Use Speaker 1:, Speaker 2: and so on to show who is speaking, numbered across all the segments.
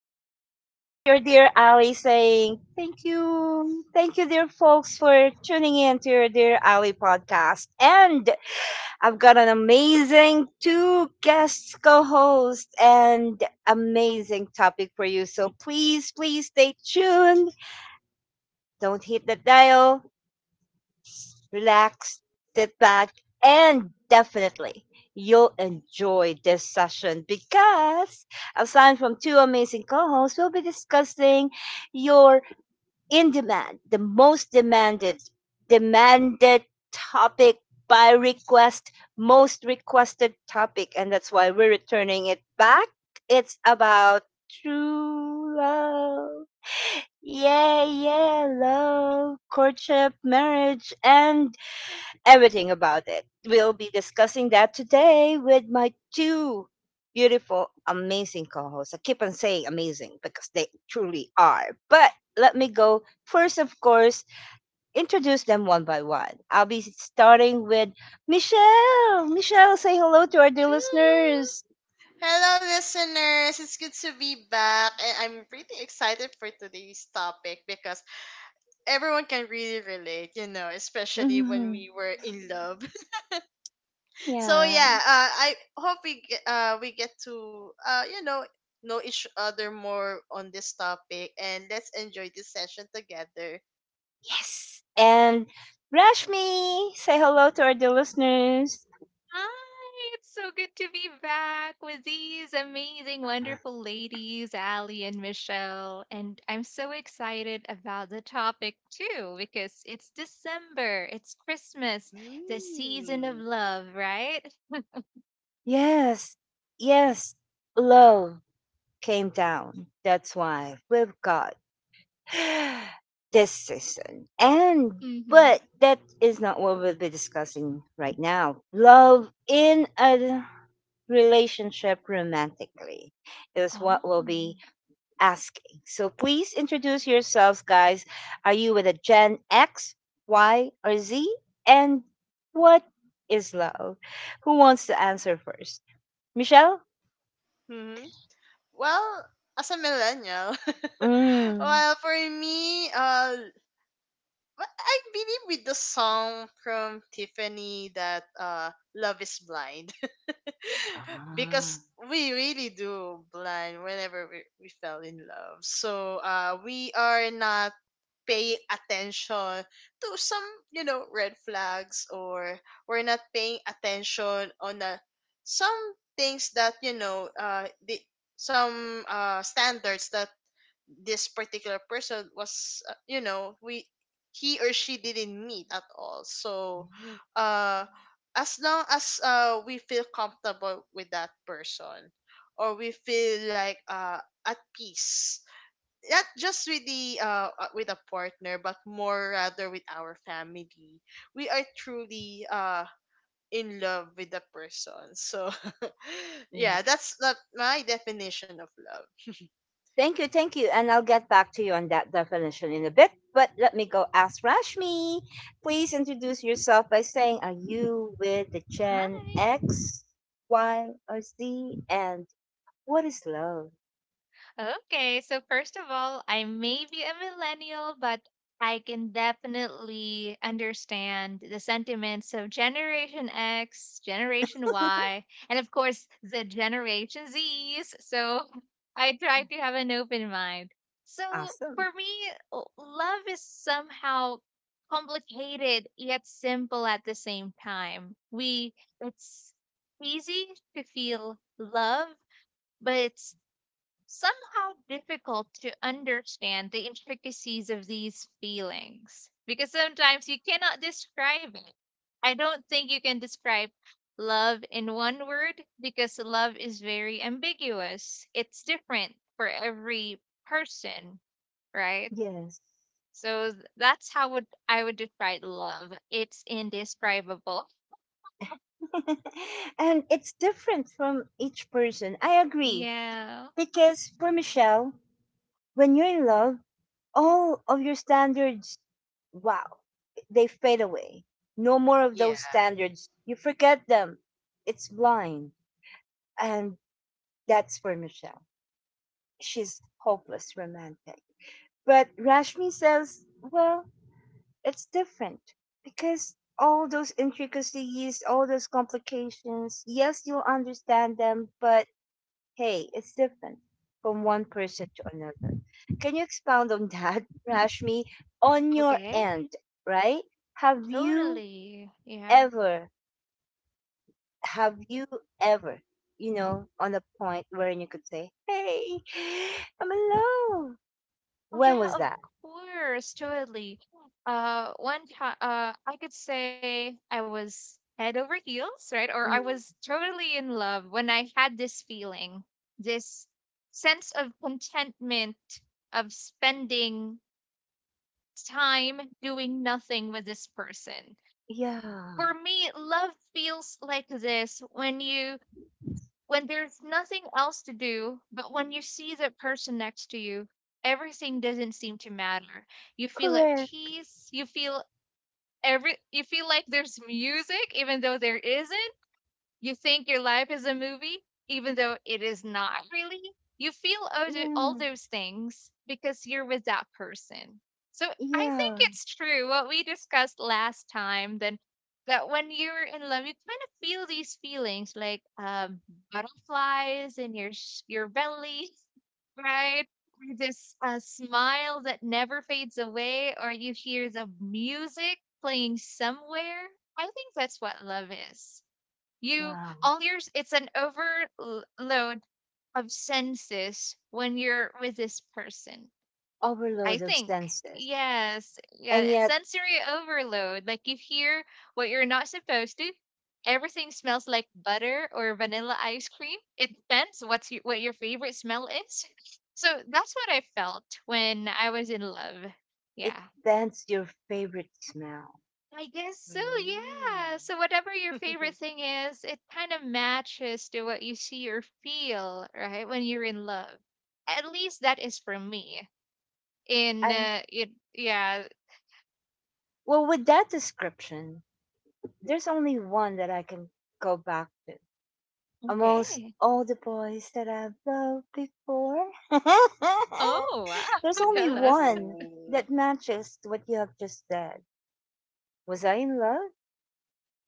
Speaker 1: yes. This is your dear Ali saying thank you. Thank you, dear folks, for tuning in to your Dear Ali podcast. And I've got an amazing two guests, co hosts, and amazing topic for you. So please, please stay tuned. Don't hit the dial, relax, sit back, and definitely you'll enjoy this session, because aside from two amazing co-hosts, we'll be discussing your in demand, the most demanded, demanded topic by request, most requested topic, and that's why we're returning it back. It's about true love. Yeah, yeah, love, courtship, marriage, and everything about it. We'll be discussing that today with my two beautiful, amazing co hosts. I keep on saying amazing because they truly are. But let me go first, of course, introduce them one by one. I'll be starting with Michelle. Michelle, say hello to our dear
Speaker 2: Hello,
Speaker 1: listeners.
Speaker 2: Hello, listeners. It's good to be back, and I'm pretty excited for today's topic because everyone can really relate, you know, especially when
Speaker 1: Mhm.
Speaker 2: we were in love. So yeah,
Speaker 1: Yeah.
Speaker 2: I hope we get to know each other more on this topic, and let's enjoy this session together.
Speaker 1: Yes. And Rashmi, say hello to our dear listeners.
Speaker 3: Hi, it's so good to be back with these amazing, wonderful ladies, Ali and Michelle. And I'm so excited about the topic too, because it's December, it's Christmas, the season of
Speaker 2: Hmm.
Speaker 3: love, right?
Speaker 1: Yes. Yes. Love came down. That's why we've got this season. And
Speaker 3: Mm-hmm.
Speaker 1: but that is not what we'll be discussing right now. Love in a relationship romantically is what we'll be
Speaker 3: Oh,
Speaker 1: asking. So please introduce yourselves, guys. Are you with a Gen X, Y, or Z? And what is love? Who wants to answer first? Michelle?
Speaker 2: hmm Well, as a millennial,
Speaker 1: Mm.
Speaker 2: well, for me, but I believe with the song from Tiffany that Love is Blind, because
Speaker 1: Ah,
Speaker 2: we really do blind whenever we fell in love. So we are not paying attention to some, you know, red flags, or we're not paying attention on some things that, you know, the some standards that this particular person was, you know we he or she didn't meet at all. So uh as long as we feel comfortable with that person, or we feel like at peace, not just with the with a partner, but more rather with our family, we are truly in love with the person. So yeah,
Speaker 1: yes.
Speaker 2: that's not my definition of love.
Speaker 1: Thank you, thank you. And I'll get back to you on that definition in a bit. But let me go ask Rashmi. Please introduce yourself by saying, are you with the Gen
Speaker 3: hi.
Speaker 1: X, Y, or Z? And what is love?
Speaker 3: Okay, so first of all, I may be a millennial, but I can definitely understand the sentiments of Generation X, Generation Y, and of course the Generation Zs. So I try to have an open mind. So
Speaker 1: Awesome.
Speaker 3: for me, love is somehow complicated yet simple at the same time. We it's easy to feel love, but it's somehow difficult to understand the intricacies of these feelings because sometimes you cannot describe it. I don't think you can describe love in one word because love is very ambiguous. It's different for every person, right?
Speaker 1: Yes.
Speaker 3: So that's how would I would describe love. It's indescribable.
Speaker 1: And it's different from each person. I agree.
Speaker 3: Yeah.
Speaker 1: Because for Michelle, when you're in love, all of your standards, wow, they fade away. No more of
Speaker 2: yeah
Speaker 1: those standards. You forget them. It's blind. And that's for Michelle. She's hopeless romantic. But Rashmi says, well, it's different because all those intricacies, all those complications, yes, you'll understand them, but hey, it's different from one person to another. Can you expound on that, Rashmi, on your
Speaker 3: Okay.
Speaker 1: end, right? Have you
Speaker 3: Totally. Yeah.
Speaker 1: ever, have you ever, you know, on a point wherein you could say, hey, I'm alone?
Speaker 3: Oh
Speaker 1: When
Speaker 3: yeah, of
Speaker 1: was that?
Speaker 3: course, totally. One time, I could say I was head over heels, right? Or I
Speaker 1: Mm,
Speaker 3: was totally in love when I had this feeling, this sense of contentment of spending time doing nothing with this person.
Speaker 1: yeah,
Speaker 3: For me, love feels like this when you when there's nothing else to do, but when you see the person next to you, everything doesn't seem to matter. You feel at
Speaker 1: correct.
Speaker 3: peace. You feel like there's music even though there isn't. You think your life is a movie, even though it is not really. You feel all
Speaker 1: Yeah,
Speaker 3: those things because you're with that person. So I think
Speaker 1: yeah.
Speaker 3: it's true what we discussed last time then that when you're in love, you kind of feel these feelings like butterflies in your your belly, right? Or this smile that never fades away, or you hear the music playing somewhere. I think that's what love is. You
Speaker 1: Wow.
Speaker 3: all yours it's an overload of senses when you're with this person. I
Speaker 1: Overload of
Speaker 3: think.
Speaker 1: senses.
Speaker 3: Yes. Yeah,
Speaker 1: And
Speaker 3: it's
Speaker 1: yet,
Speaker 3: sensory overload. Like you hear what you're not supposed to. Everything smells like butter or vanilla ice cream. It depends what your favorite smell is. So that's what I felt when I was in love.
Speaker 1: it
Speaker 3: Yeah.
Speaker 1: that's your favorite smell.
Speaker 3: I guess so, yeah. So whatever your favorite thing is, it kind of matches to what you see or feel, right? When you're in love. At least that is for me.
Speaker 1: And
Speaker 3: Yeah.
Speaker 1: well, with that description, there's only one that I can go back to. Amongst
Speaker 3: Okay.
Speaker 1: all the boys that I've loved before,
Speaker 3: Oh,
Speaker 1: there's
Speaker 3: wow.
Speaker 1: only
Speaker 3: Jealous.
Speaker 1: one that
Speaker 2: Ooh.
Speaker 1: matches what you have just said. Was I in love?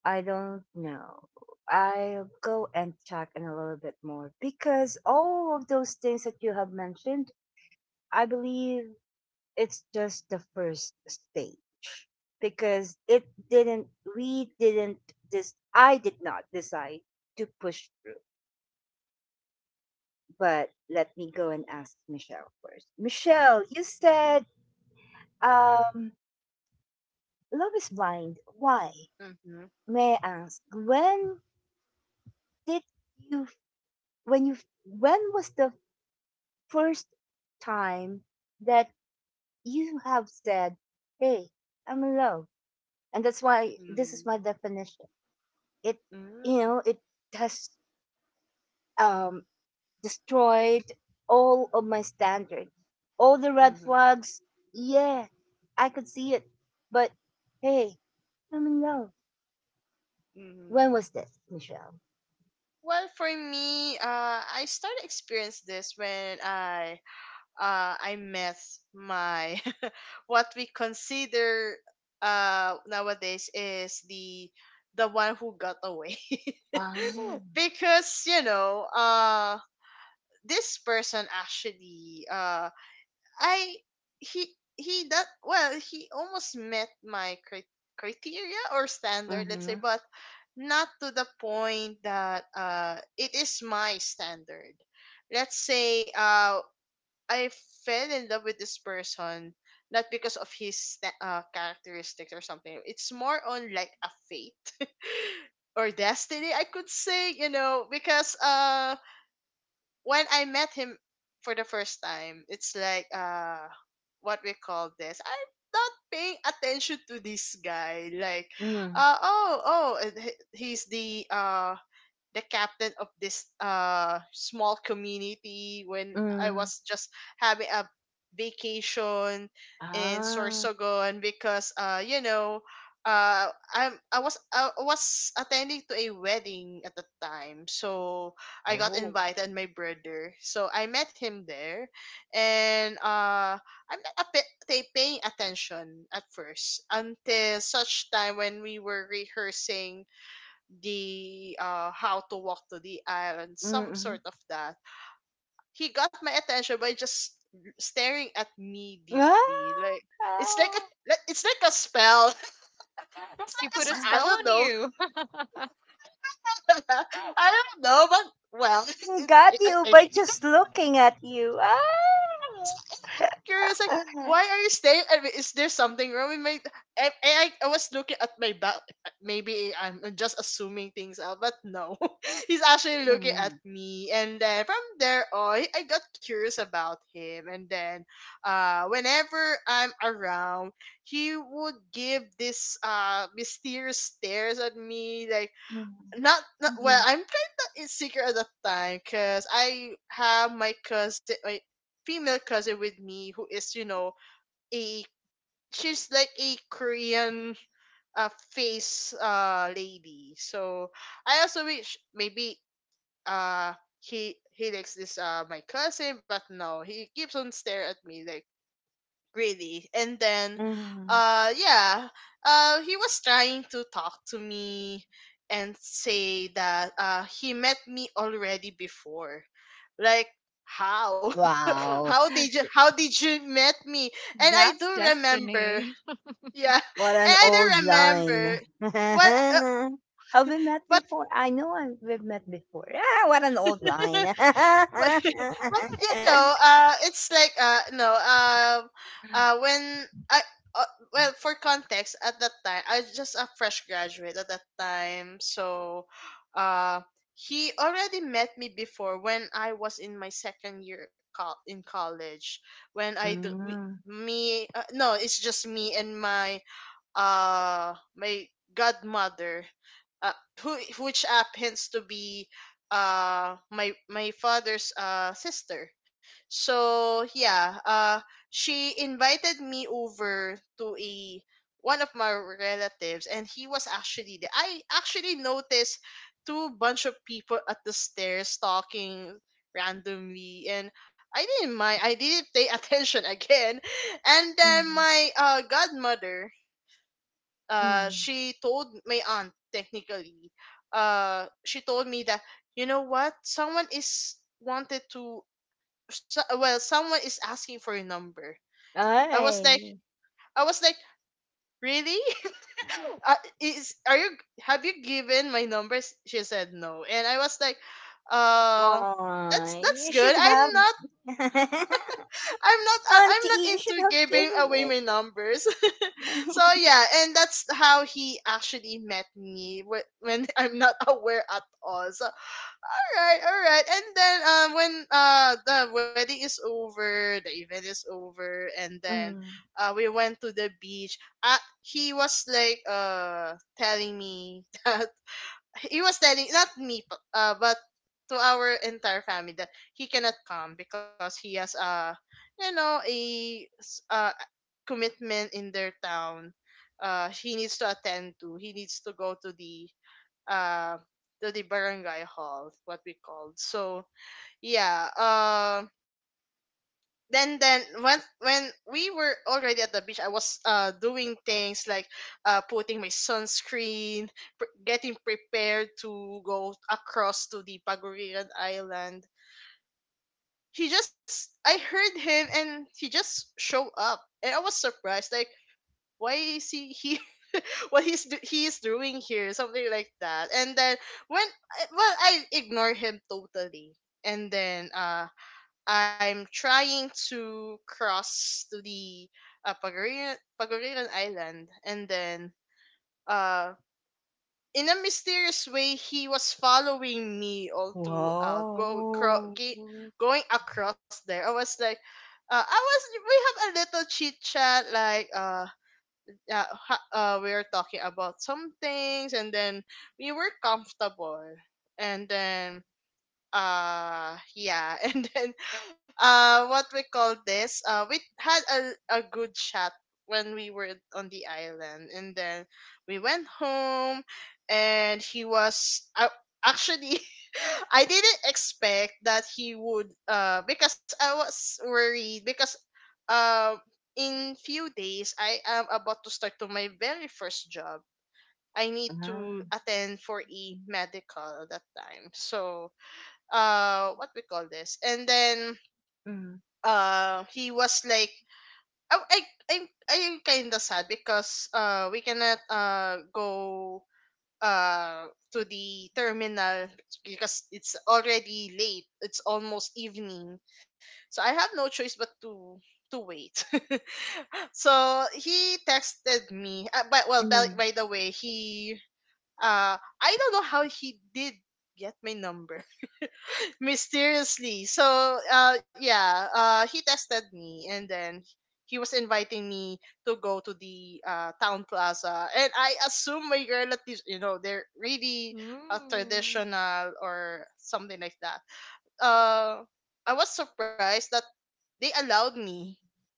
Speaker 1: I don't know. I'll go and check in a little bit more because all of those things that you have mentioned, I believe it's just the first stage because it didn't we didn't this I did not decide to push through. But let me go and ask Michelle first. Michelle, you said um love is blind. Why,
Speaker 2: Mhm,
Speaker 1: may I ask, when did you you when was the first time that you have said, hey, I'm in love, and that's why this is my
Speaker 2: mhm,
Speaker 1: definition? it you know
Speaker 2: mhm,
Speaker 1: it has um destroyed all of my standards, all the red
Speaker 2: mhm,
Speaker 1: flags. Yeah, I could see it, but hey, I'm in love.
Speaker 2: mhm.
Speaker 1: When was this, Michelle?
Speaker 2: Well, for me, I started experience this when I met my what we consider nowadays is the one who got away.
Speaker 1: Ah.
Speaker 2: Because you know, this person actually, I he he that well, he almost met my criteria or standard, let's say,
Speaker 1: Mm-hmm,
Speaker 2: but not to the point that it is my standard. Let's say I fell in love with this person not because of his characteristics or something. It's more on like a fate or destiny, I could say, you know, because when I met him for the first time, it's like what we call this. I'm not paying attention to this guy. Like
Speaker 1: mm,
Speaker 2: he's the captain of this small community when I
Speaker 1: mm,
Speaker 2: was just having a vacation in
Speaker 1: ah,
Speaker 2: Sorsogon, because you know, uh I was attending to a wedding at the time, so I got
Speaker 1: oh,
Speaker 2: invited and my brother, so I met him there. And I'm not a bit they paying attention at first, until such time when we were rehearsing the how to walk to the island, some
Speaker 1: mm-hmm.
Speaker 2: sort of that. He got my attention by just staring at me
Speaker 1: Ah,
Speaker 2: deeply, like it's like a
Speaker 1: ah,
Speaker 2: it's like a spell. It's like a
Speaker 3: You put a
Speaker 2: I
Speaker 3: spell
Speaker 2: don't
Speaker 3: on
Speaker 2: know.
Speaker 3: you.
Speaker 2: I don't know, but well.
Speaker 1: I
Speaker 2: it,
Speaker 1: got
Speaker 2: it,
Speaker 1: you
Speaker 2: I
Speaker 1: by
Speaker 2: think,
Speaker 1: just looking at you, ah.
Speaker 2: curious, like,
Speaker 1: Ah,
Speaker 2: why are you staying? I mean, is there something wrong with my? I was looking at my back. Maybe I'm just assuming things out, but no, he's actually looking at
Speaker 1: mm,
Speaker 2: me. And then from there on, I got curious about him. And then, whenever I'm around, he would give this mysterious stares at me, like not, not well
Speaker 1: mm.
Speaker 2: I'm kind of insecure at that time, because I have my cousin, my female cousin with me, who is, you know, a she's like a Korean face lady. So I also wish maybe uh he likes this my cousin, but no, he keeps on staring at me, like really. And then
Speaker 1: Mhm.
Speaker 2: uh yeah he was trying to talk to me and say that he met me already before, like how.
Speaker 1: Wow,
Speaker 2: How did you met me? And I do
Speaker 3: That's
Speaker 2: remember,
Speaker 3: destiny.
Speaker 2: yeah. And
Speaker 1: what an
Speaker 2: I
Speaker 1: old
Speaker 2: do remember
Speaker 1: line.
Speaker 2: what
Speaker 1: Have we met
Speaker 2: but
Speaker 1: before? I know we've met before. Ah, what an old line.
Speaker 2: Well, you know, it's like no, when I well, for context, at that time I was just a fresh graduate at that time, so uh, he already met me before when I was in my second year in college, when I do we,
Speaker 1: Mm.
Speaker 2: me no, it's just me and my my godmother, uh, who which happens to be my father's sister. So yeah, she invited me over to a one of my relatives, and he was actually there. I actually noticed two bunch of people at the stairs talking randomly, and I didn't mind, I didn't pay attention again. And then
Speaker 1: Mm.
Speaker 2: my godmother,
Speaker 1: Mm.
Speaker 2: she told my aunt technically she told me that, you know what, someone is wanted to so, well someone is asking for your number. i was
Speaker 1: Ay,
Speaker 2: like i was like really? uh, is are you, have you given my number? She said no, and I was like, uh
Speaker 1: ay,
Speaker 2: that's
Speaker 1: you
Speaker 2: good,
Speaker 1: should
Speaker 2: I'm
Speaker 1: have.
Speaker 2: not, I'm
Speaker 1: Auntie,
Speaker 2: not
Speaker 1: you
Speaker 2: into
Speaker 1: should have
Speaker 2: giving
Speaker 1: given
Speaker 2: away my
Speaker 1: it.
Speaker 2: numbers. So yeah, and that's how he actually met me when I'm not aware at all. So all right, all right. And then when the wedding is over, the event is over, and then
Speaker 1: Mm.
Speaker 2: we went to the beach. He was like telling me that he was telling not me but to our entire family that he cannot come because he has a, you know, a s- uh, commitment in their town. He needs to attend to, he needs to go uh to the barangay hall, what we called. So yeah, then when we were already at the beach, I was doing things like putting my sunscreen, getting prepared to go across to the Pagurian Island. He just, I heard him, and he just showed up, and I was surprised like, why is he here? What he's he is doing here, something like that. And then when I ignore him totally, and then I'm trying to cross to the uh, Pagurian, Pagurian Island, and then uh, in a mysterious way, he was following me all throughout,
Speaker 1: Wow.
Speaker 2: going across there. I was like, I was we have a little chit chat, like we were talking about some things, and then we were comfortable. And then yeah and then what we call this we had a good chat when we were on the island. And then we went home, and he was actually I didn't expect that he would because I was worried, because uh in few days I am about to start to my very first job. I need to
Speaker 1: Ah.
Speaker 2: attend for a medical at that time. So what we call this and then
Speaker 1: Mm.
Speaker 2: he was like I I'm I'm kinda sad, because we cannot go uh to the terminal, because it's already late, it's almost evening. So I have no choice but to wait. So he texted me, but well
Speaker 1: Mm.
Speaker 2: by the way, he I don't know how he did get my number mysteriously. So yeah he tested me, and then he was inviting me to go to the town plaza. And I assume my relatives, you know, they're really
Speaker 3: Ooh.
Speaker 2: traditional or something like that. uh I was surprised that they allowed me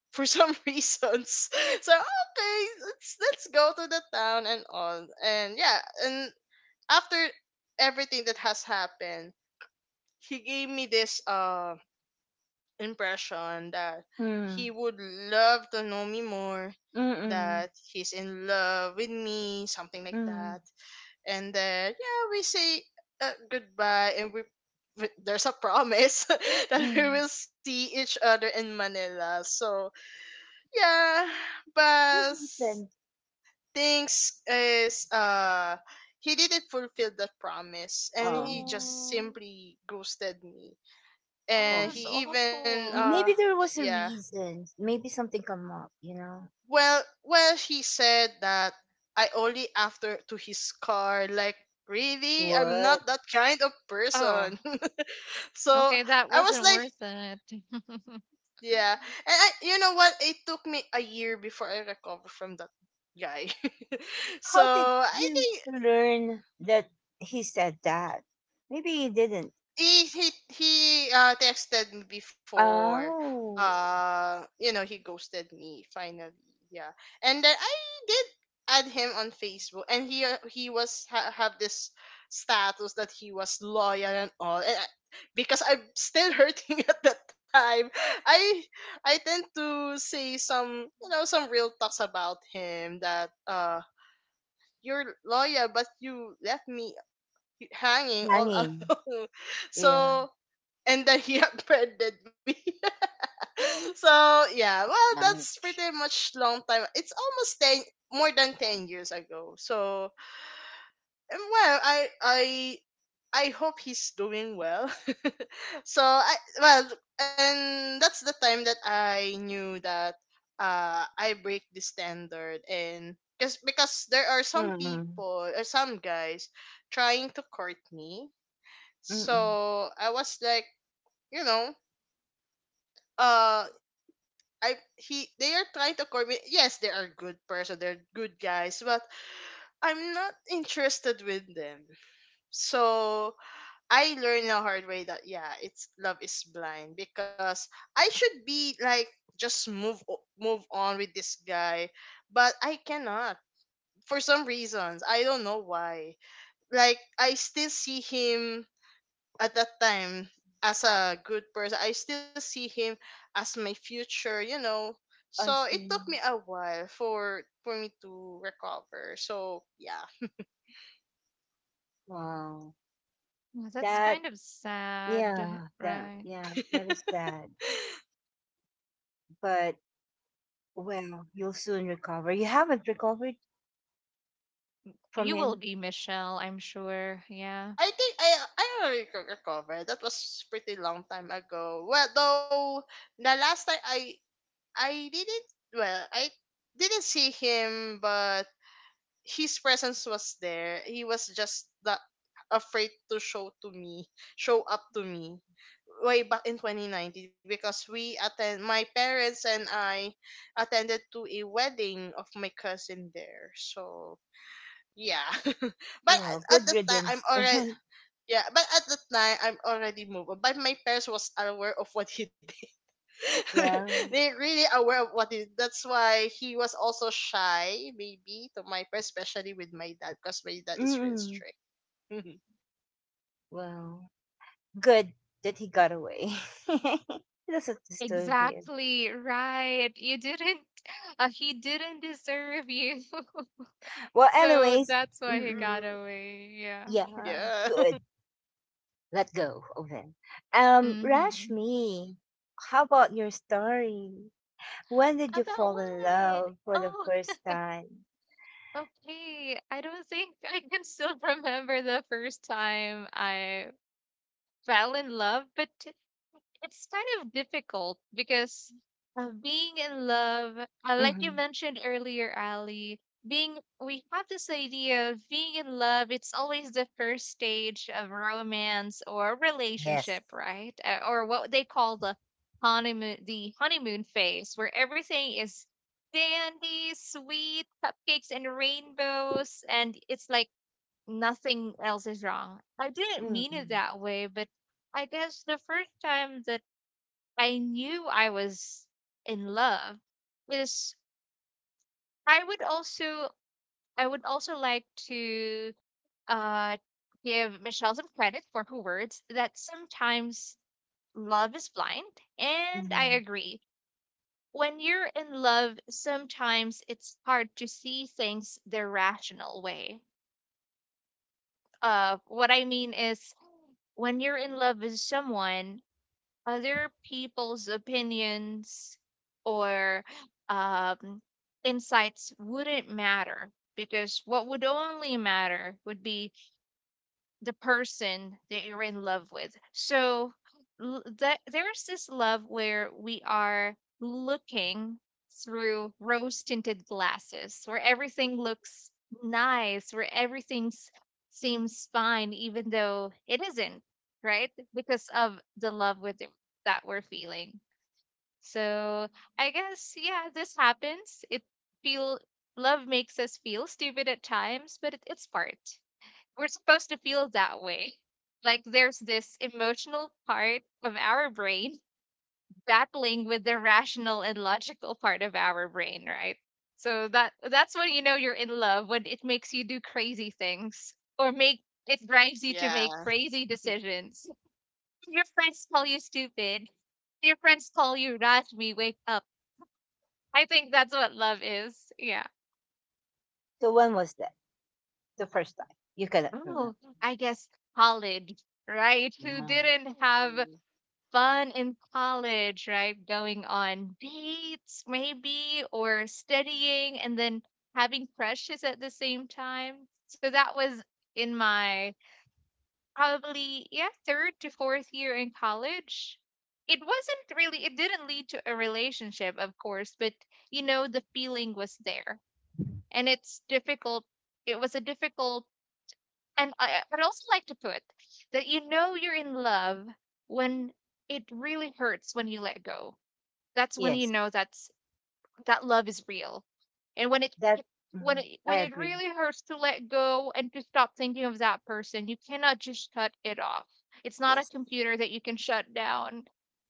Speaker 2: for some reasons. So okay, let's go to the town and all, and yeah. And after everything that has happened, he gave me this impression that he
Speaker 1: Mm.
Speaker 2: would love to know me more,
Speaker 1: Mm.
Speaker 2: that
Speaker 1: Mm.
Speaker 2: he's in love with me, something like that.
Speaker 1: Mm.
Speaker 2: And then, yeah, we say goodbye, and we there's a promise that we
Speaker 1: Mm.
Speaker 2: will see each other in Manila. So yeah, but
Speaker 1: What happened?
Speaker 2: things is he didn't fulfill that promise, and he
Speaker 1: Um,
Speaker 2: just
Speaker 3: Oh.
Speaker 2: simply ghosted me.
Speaker 3: Oh,
Speaker 2: And
Speaker 3: that's
Speaker 1: um,
Speaker 2: he even
Speaker 3: awful.
Speaker 1: Maybe there was a
Speaker 2: yeah
Speaker 1: reason. Maybe something come up, you know?
Speaker 2: Well, well, he said that I only after to his car. Like, really? I'm not
Speaker 1: What?
Speaker 2: that kind of
Speaker 3: Oh,
Speaker 2: person. So
Speaker 3: okay. That
Speaker 2: I was
Speaker 3: wasn't
Speaker 2: like,
Speaker 3: worth it.
Speaker 2: yeah. And I, you know what? It took me a year before I recovered from that guy. So
Speaker 1: How did
Speaker 2: I
Speaker 1: you
Speaker 2: think
Speaker 1: learn that he said that? Maybe he didn't.
Speaker 2: he texted me before,
Speaker 1: Oh,
Speaker 2: you know, he ghosted me finally, yeah. And then I did add him on Facebook, and have this status that he was loyal and all. And I, because I'm still hurting at that time, I I tend to say some, you know, some real talks about him that, you're loyal but you left me hanging all
Speaker 1: hanging.
Speaker 2: alone.
Speaker 1: Yeah.
Speaker 2: So and then he offended me. So yeah, well, that's
Speaker 1: Ouch.
Speaker 2: pretty much long time. It's almost 10, more than 10 years ago. So and well, I hope he's doing well. So I, well, and that's the time that I knew that I break the standard. And because there are some
Speaker 1: Mm-mm.
Speaker 2: people or some guys trying to court me.
Speaker 1: Mm-mm.
Speaker 2: So I was like, you know, uh I he they are trying to commit. Yes, they are good person. They're good guys, but I'm not interested with them. So I learned the hard way that yeah, it's love is blind because I should be like just move on with this guy, but I cannot for some reasons. I don't know why. Like I still see him at that time as a good person, I still see him as my future.
Speaker 1: I
Speaker 2: So it took
Speaker 1: see.
Speaker 2: me a while for me to recover, so yeah.
Speaker 1: Wow.
Speaker 3: Well, that's
Speaker 1: That,
Speaker 3: kind of sad,
Speaker 1: yeah,
Speaker 3: right?
Speaker 1: yeah, that is
Speaker 2: i
Speaker 1: sad. But, well, you'll soon recover. You haven't recovered from
Speaker 3: You will
Speaker 1: him?
Speaker 3: be Michelle, I'm sure. Yeah.
Speaker 2: think i i already recovered. That was pretty long time ago. Well, though, the last time I didn't, well, I didn't see him, but his presence was there. He was just that afraid to show up to me way back in 2019 because we attend my parents and I attended to a wedding of my cousin there. So, yeah. But at,
Speaker 1: Wow,
Speaker 2: at
Speaker 1: good
Speaker 2: the time I'm
Speaker 1: riddance.
Speaker 2: already yeah, but at the time I'm already moved on. But my parents was aware of what he did.
Speaker 1: Yeah.
Speaker 2: They're really aware of what, is that's why he was also shy maybe to my, especially with my dad, because my dad is really
Speaker 1: Mm-mm.
Speaker 2: strict.
Speaker 1: Wow. Good that he got away. That's what the story here.
Speaker 3: Exactly, right. You didn't, he didn't deserve you.
Speaker 1: Well,
Speaker 3: So
Speaker 1: anyways,
Speaker 3: that's why he
Speaker 1: mm-mm.
Speaker 3: got
Speaker 2: Mm.
Speaker 3: away. Yeah.
Speaker 1: Yeah,
Speaker 2: Yeah.
Speaker 1: good. Let go of him.
Speaker 3: Mm-hmm.
Speaker 1: Rashmi, how about your story? When did you
Speaker 3: About
Speaker 1: fall in
Speaker 3: what?
Speaker 1: love for the
Speaker 3: Oh,
Speaker 1: first time?
Speaker 3: okay. I don't think I can still remember the first time I fell in love, but it's kind of difficult because being in love, like you
Speaker 1: Mm-hmm.
Speaker 3: mentioned earlier, Ali, being we have this idea of being in love. It's always the first stage of romance or
Speaker 1: Yes.
Speaker 3: relationship, right? Or what they call the honeymoon phase, where everything is candy, sweet, cupcakes, and rainbows, and it's like nothing else is wrong. I didn't mean it
Speaker 1: Mm-hmm.
Speaker 3: that way, but I guess the first time that I knew I was in love is I would also I would also like to uh give Michelle some credit for her words that sometimes love is blind, and I
Speaker 1: Mm-hmm.
Speaker 3: agree. When you're in love, sometimes it's hard to see things the rational way. What I mean is when you're in love with someone, other people's opinions or um, insights wouldn't matter because what would only matter would be the person that you're in love with. So that there's this love where we are looking through rose tinted glasses, where everything looks nice, where everything seems fine, even though it isn't, right? Because of the love that we're feeling. So I guess yeah, this happens. It feel Love makes us feel stupid at times, but it's part we're supposed to feel that way. Like there's this emotional part of our brain battling with the rational and logical part of our brain, right? So that that's when you know you're in love, when it makes you do crazy things, or make it drives you to
Speaker 2: Yeah.
Speaker 3: make crazy decisions. Your friends call you stupid. Your friends call you Rajmi, wake up. I think that's what love is. Yeah.
Speaker 1: So when was that? The first time. You cannot remember.
Speaker 3: Oh, I guess college, right? Who
Speaker 1: Ah,
Speaker 3: didn't have
Speaker 2: Mm.
Speaker 3: fun in college, right? Going on dates, maybe, or studying and then having crushes at the same time. So that was in my probably, yeah, third to fourth year in college. It wasn't really, it didn't lead to a relationship, of course, but you know, the feeling was there. And it's difficult. It was a difficult and I I'd also like to put that you know you're in love when it really hurts when you let go. That's when you
Speaker 1: yes.
Speaker 3: know that love is real. And
Speaker 1: That Mhm, I
Speaker 3: when it
Speaker 1: agree.
Speaker 3: really hurts to let go and to stop thinking of that person, you cannot just shut it off. It's not a
Speaker 1: Yes.
Speaker 3: computer that you can shut down.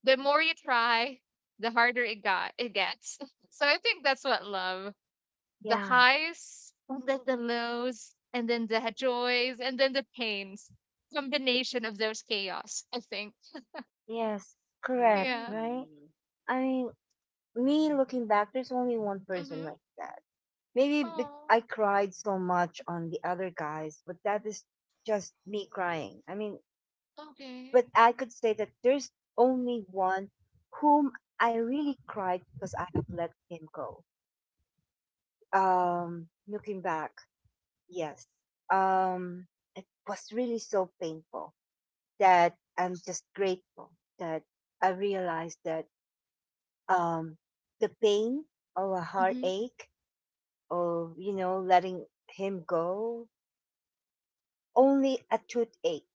Speaker 3: The more you try, the harder it gets. So I think that's what love, the
Speaker 1: Yeah.
Speaker 3: highs and then the lows and then the joys and then the pains,
Speaker 1: y-
Speaker 3: combination of those chaos, I think.
Speaker 1: Yes. Correct.
Speaker 3: Yeah.
Speaker 1: Right.
Speaker 2: Mm.
Speaker 1: I mean, me looking back, there's only one person
Speaker 3: Mm-hmm.
Speaker 1: like that. Maybe
Speaker 3: Oh,
Speaker 1: I cried so much on the other guys, but that is just me
Speaker 2: Ooh.
Speaker 1: crying. I mean,
Speaker 3: okay.
Speaker 1: but I could say that there's only one whom I really cried because I have let him go. Looking back, yes. Um, it was really so painful that I'm just grateful that I realized that um, the pain or a
Speaker 3: Mm-hmm.
Speaker 1: heartache or letting him go, only a toothache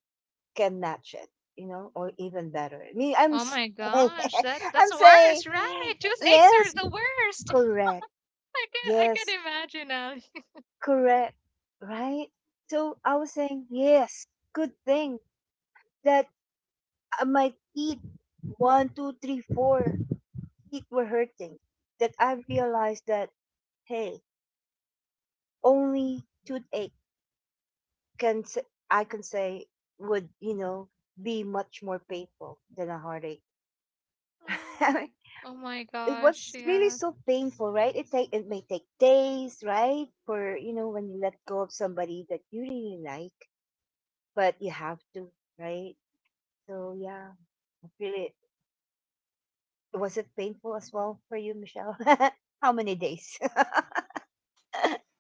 Speaker 1: can match it, or even better. I mean,
Speaker 3: Oh my gosh, that
Speaker 1: I'm
Speaker 3: that's
Speaker 1: saying,
Speaker 3: worse, right? Toothaches are
Speaker 1: yes,
Speaker 3: the worst.
Speaker 1: correct.
Speaker 3: I can, I
Speaker 1: Yes,
Speaker 3: can imagine now.
Speaker 1: correct. Right? So I was saying, yes, good thing that my teeth, one, two, three, four feet were hurting, that I realized that hey, only toothache can s- I can say would be much more painful than a heartache.
Speaker 3: Oh, oh my
Speaker 1: It
Speaker 3: gosh,
Speaker 1: was really
Speaker 3: yeah.
Speaker 1: so painful, right? It may take days, right, for when you let go of somebody that you really like, but you have to, right? So yeah, I feel it. Was it painful as well for you, Michelle? How many days?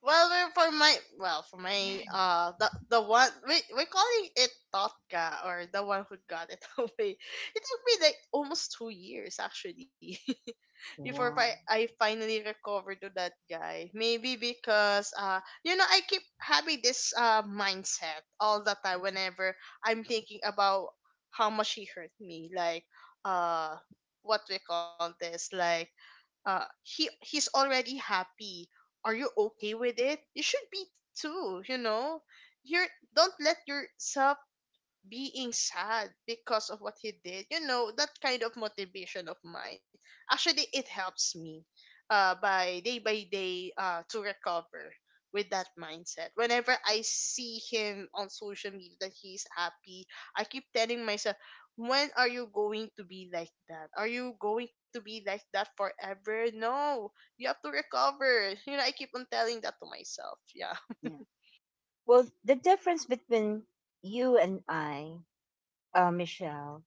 Speaker 2: Well, we're for my well for my the one we we're calling it Totka, or the one who got it away. It took me like almost 2 years actually
Speaker 1: Wow.
Speaker 2: I finally recovered to that guy. Maybe because you know, I keep having this mindset all the time whenever I'm thinking about how much he hurt me. Like, uh what we call this, like, he he's already happy, are you okay with it? You should be too, you know. You're, don't let yourself being sad because of what he did, you know, that kind of motivation of mine. Actually, it helps me, by day by day, to recover with that mindset. Whenever I see him on social media that he's happy, I keep telling myself, when are you going to be like that? Are you going to be like that forever? No, you have to recover, you know. I keep on telling that to myself, yeah.
Speaker 1: Well, the difference between you and I, Michelle,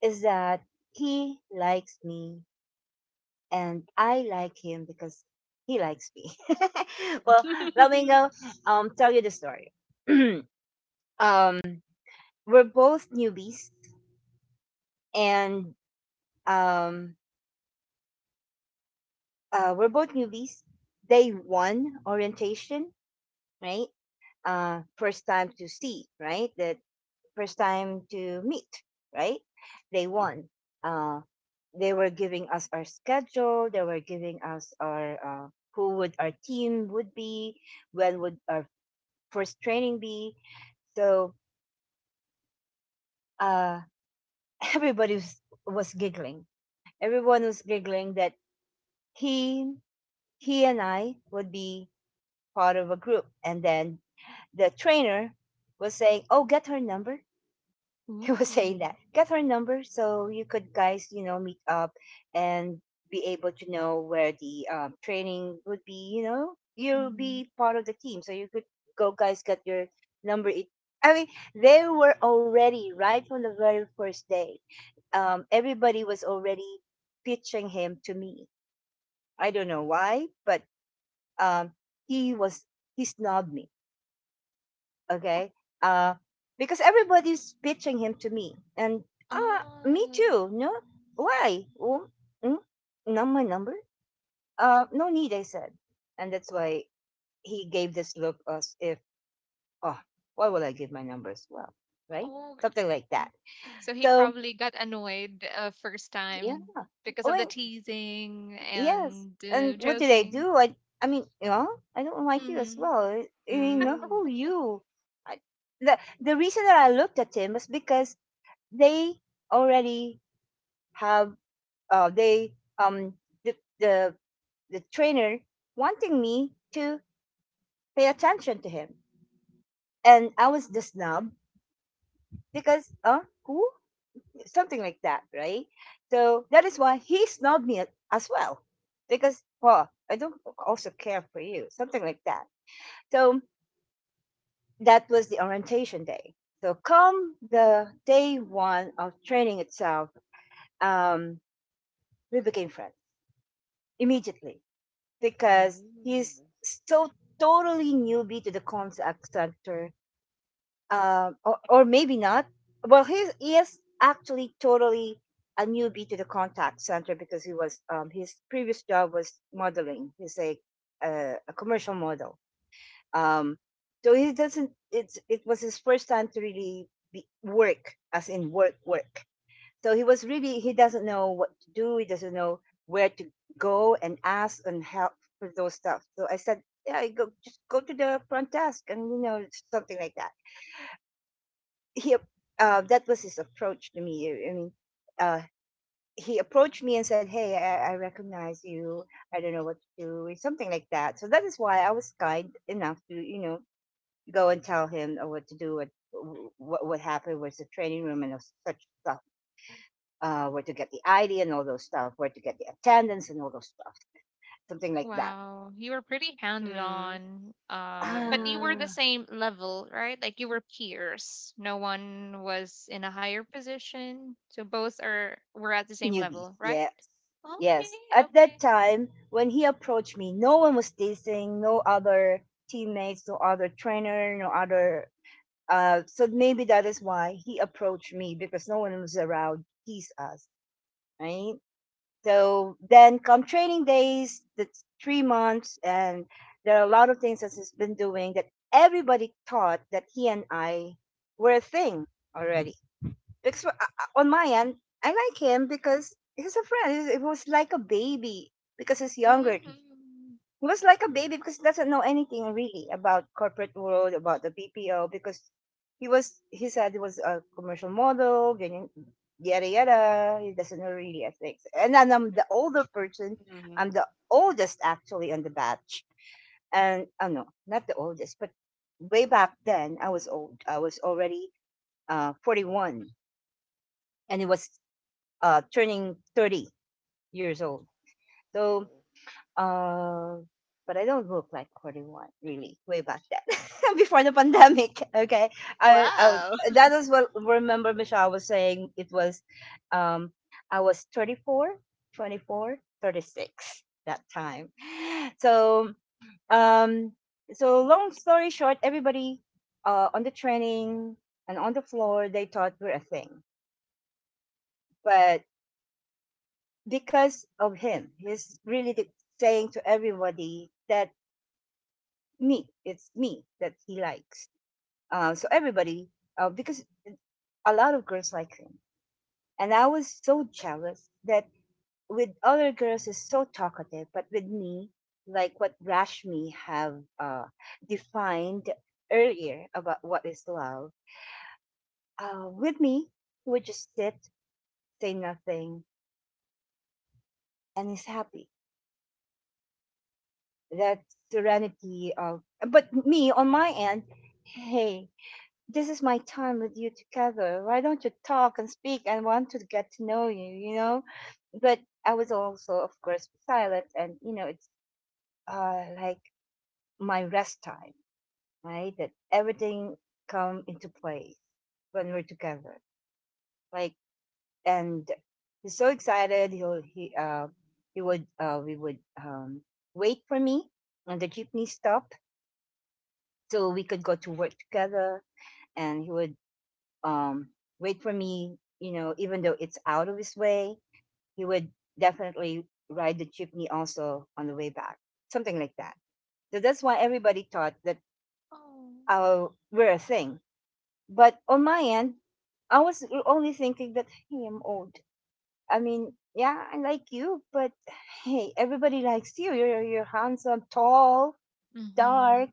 Speaker 1: is that he likes me and I like him because he likes me. Well, let me go tell you the story. um, we're both newbies and um, uh, we're both newbies. Day one orientation, right? First time to see, right? First time to meet, right? They won. Uh, they were giving us our schedule. They were giving us our who would our team would be, when would our first training be. So uh, everybody was giggling. Everyone was giggling that he he and I would be part of a group, and then the trainer was saying, "Oh, get her number." He was saying
Speaker 3: Ooh.
Speaker 1: that get her number so you could, guys, meet up and be able to know where the training would be. You'll
Speaker 3: Mm-hmm.
Speaker 1: be part of the team so you could go, guys, get your number. It i mean they were already right from the very first day. Everybody was already pitching him to me. I don't know why, but um, he was he snubbed me. Okay. uh because everybody's pitching him to me, and me
Speaker 3: Ah,
Speaker 1: too. No. Why? Oh, mm, not my number. No need, I said. And that's why he gave this look as if, oh, why would I give my number as well, right?
Speaker 3: okay.
Speaker 1: Something like
Speaker 3: Mm.
Speaker 1: that.
Speaker 3: So he
Speaker 1: So
Speaker 3: probably got annoyed, first
Speaker 1: yeah.
Speaker 3: time, because
Speaker 1: I
Speaker 3: of the
Speaker 1: mean,
Speaker 3: teasing
Speaker 1: yes,
Speaker 3: and
Speaker 1: and what did I
Speaker 3: joking.
Speaker 1: do? I mean, I don't like you as
Speaker 3: Hmm.
Speaker 1: well. I mean, who
Speaker 2: Mm.
Speaker 1: you, I, the reason that I looked at him was because they already have, they the, the the trainer wanting me to pay attention to him, and I was the snub because who, something like that, right? So that is why he snubbed me as well, because, well, I don't also care for you, something like that. So that was the orientation day. So come the day one of training itself, um we became friends immediately because he's
Speaker 2: Mm.
Speaker 1: so totally newbie to the contact sector, or maybe not. Well, he is actually totally a newbie to the contact center because he was his previous job was modeling. He's a commercial model, um, so he doesn't. It was his first time to really be, work as in work work. So he was really he doesn't know what to do. He doesn't know where to go and ask and help for those stuff. So I said, yeah, I go just go to the front desk, and something like that. He that was his approach to me. I mean, uh, he approached me and said, "Hey, I recognize you. I don't know what to do," something like that. So that is why I was kind enough to go and tell him what to do, what happened, where's the training room, and such stuff. Where to get the ID and all those stuff, where to get the attendance and all those stuff, something like that.
Speaker 3: Wow, you were pretty
Speaker 2: Mm.
Speaker 3: hands-on. But you were the
Speaker 2: Oh.
Speaker 1: Ah,
Speaker 3: same level, right? Like you were peers. No one was in a higher position, so both are were at the same
Speaker 1: newbies.
Speaker 3: level, right?
Speaker 1: Yes.
Speaker 3: Okay,
Speaker 1: Yes. At that
Speaker 3: okay.
Speaker 1: time, when he approached me, no one was teasing, no other teammates, no other trainer, no other. So maybe that is why he approached me, because no one was around to tease us, right? So then come training days, that's 3 months, and there are a lot of things that he's been doing that everybody thought that he and I were a thing already. On my end, I like him because he's a friend. It was like a baby because he's younger.
Speaker 3: Mm-hmm.
Speaker 1: He was like a baby because he doesn't know anything really about corporate world, about the BPO, because he said he was a commercial model, ganyan, yada yada. He doesn't know really ethics. And then I'm the older person. I'm
Speaker 2: Mhm.
Speaker 1: the oldest actually on the batch. And oh no, not the oldest, but way back then I was old. I was already 41, and it was turning 30 years old. So
Speaker 2: Oh.
Speaker 1: Uh, but I don't look like 41, really, way back then, before the pandemic. Okay. I, I would-
Speaker 2: Wow.
Speaker 1: that is what remember Michelle was saying. It was, um, I was 34, 24, 36 that time. So, um, so long story short, everybody, on the training and on the floor, they thought we're a thing, but because of him, saying to everybody that me it's me that he likes. So everybody, because a lot of girls like him, and I was so jealous that with other girls is so talkative but with me, like what rashmi have defined earlier about what is love. With me, he would just sit, say nothing, and is happy, that serenity of. But me on my end, hey, this is my time with you together. Why don't you talk and speak? I want to get to know you, you know? But I was also, of course, silent. And, you know, it's like my rest time, right? That everything come into place when we're together. Like, and He's so excited. He'll, he would, we would, wait for me on the jeepney stop so we could go to work together. And he would um, wait for me, even though it's out of his way, he would definitely ride the jeepney also on the way back, something like that. So that's why everybody thought that
Speaker 3: Oh.
Speaker 1: uh, we're a thing. But on my end, I was only thinking that, hey, I'm old. I mean, yeah, I like you, but hey, everybody likes you. You're handsome, tall,
Speaker 3: Mm-hmm.
Speaker 1: dark,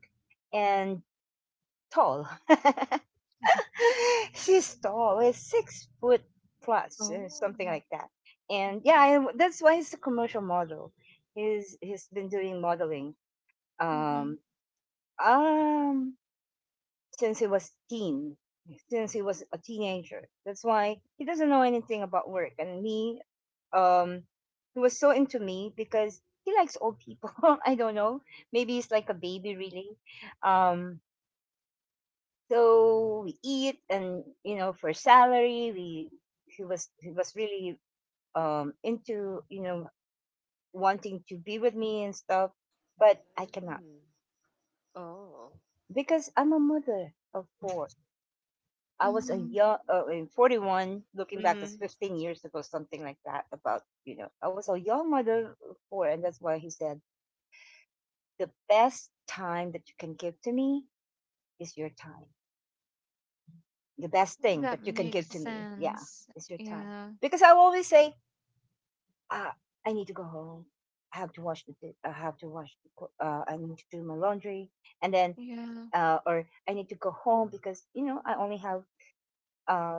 Speaker 1: and tall. She's tall. It's 6 foot plus, and something
Speaker 3: Oh.
Speaker 1: like that. And yeah, that's why he's a commercial model. He's been doing modeling um um since he was teen, since he was a teenager. That's why he doesn't know anything about work. And me, um, he was so into me because he likes old people. I don't know. Maybe he's like a baby, really. Um, So we eat, and you know, for salary, we he was really into wanting to be with me and stuff, but I cannot
Speaker 2: Mm. Oh.
Speaker 1: because I'm a mother of four. I was a
Speaker 3: Mm-hmm.
Speaker 1: young, in 41, looking back, that's
Speaker 2: Mhm.
Speaker 1: 15 years ago, something like that. About, you know, I was a young mother of four, and that's why he said, the best time that you can give to me is your time. The best thing
Speaker 3: That
Speaker 1: that you can
Speaker 3: makes
Speaker 1: give to me, yeah,
Speaker 3: sense.
Speaker 1: is your time.
Speaker 3: Yeah.
Speaker 1: Because I always say, uh, I need to go home. I have to I need to do my laundry. And then,
Speaker 3: Yeah.
Speaker 1: or I need to go home because, you know, I only have, uh,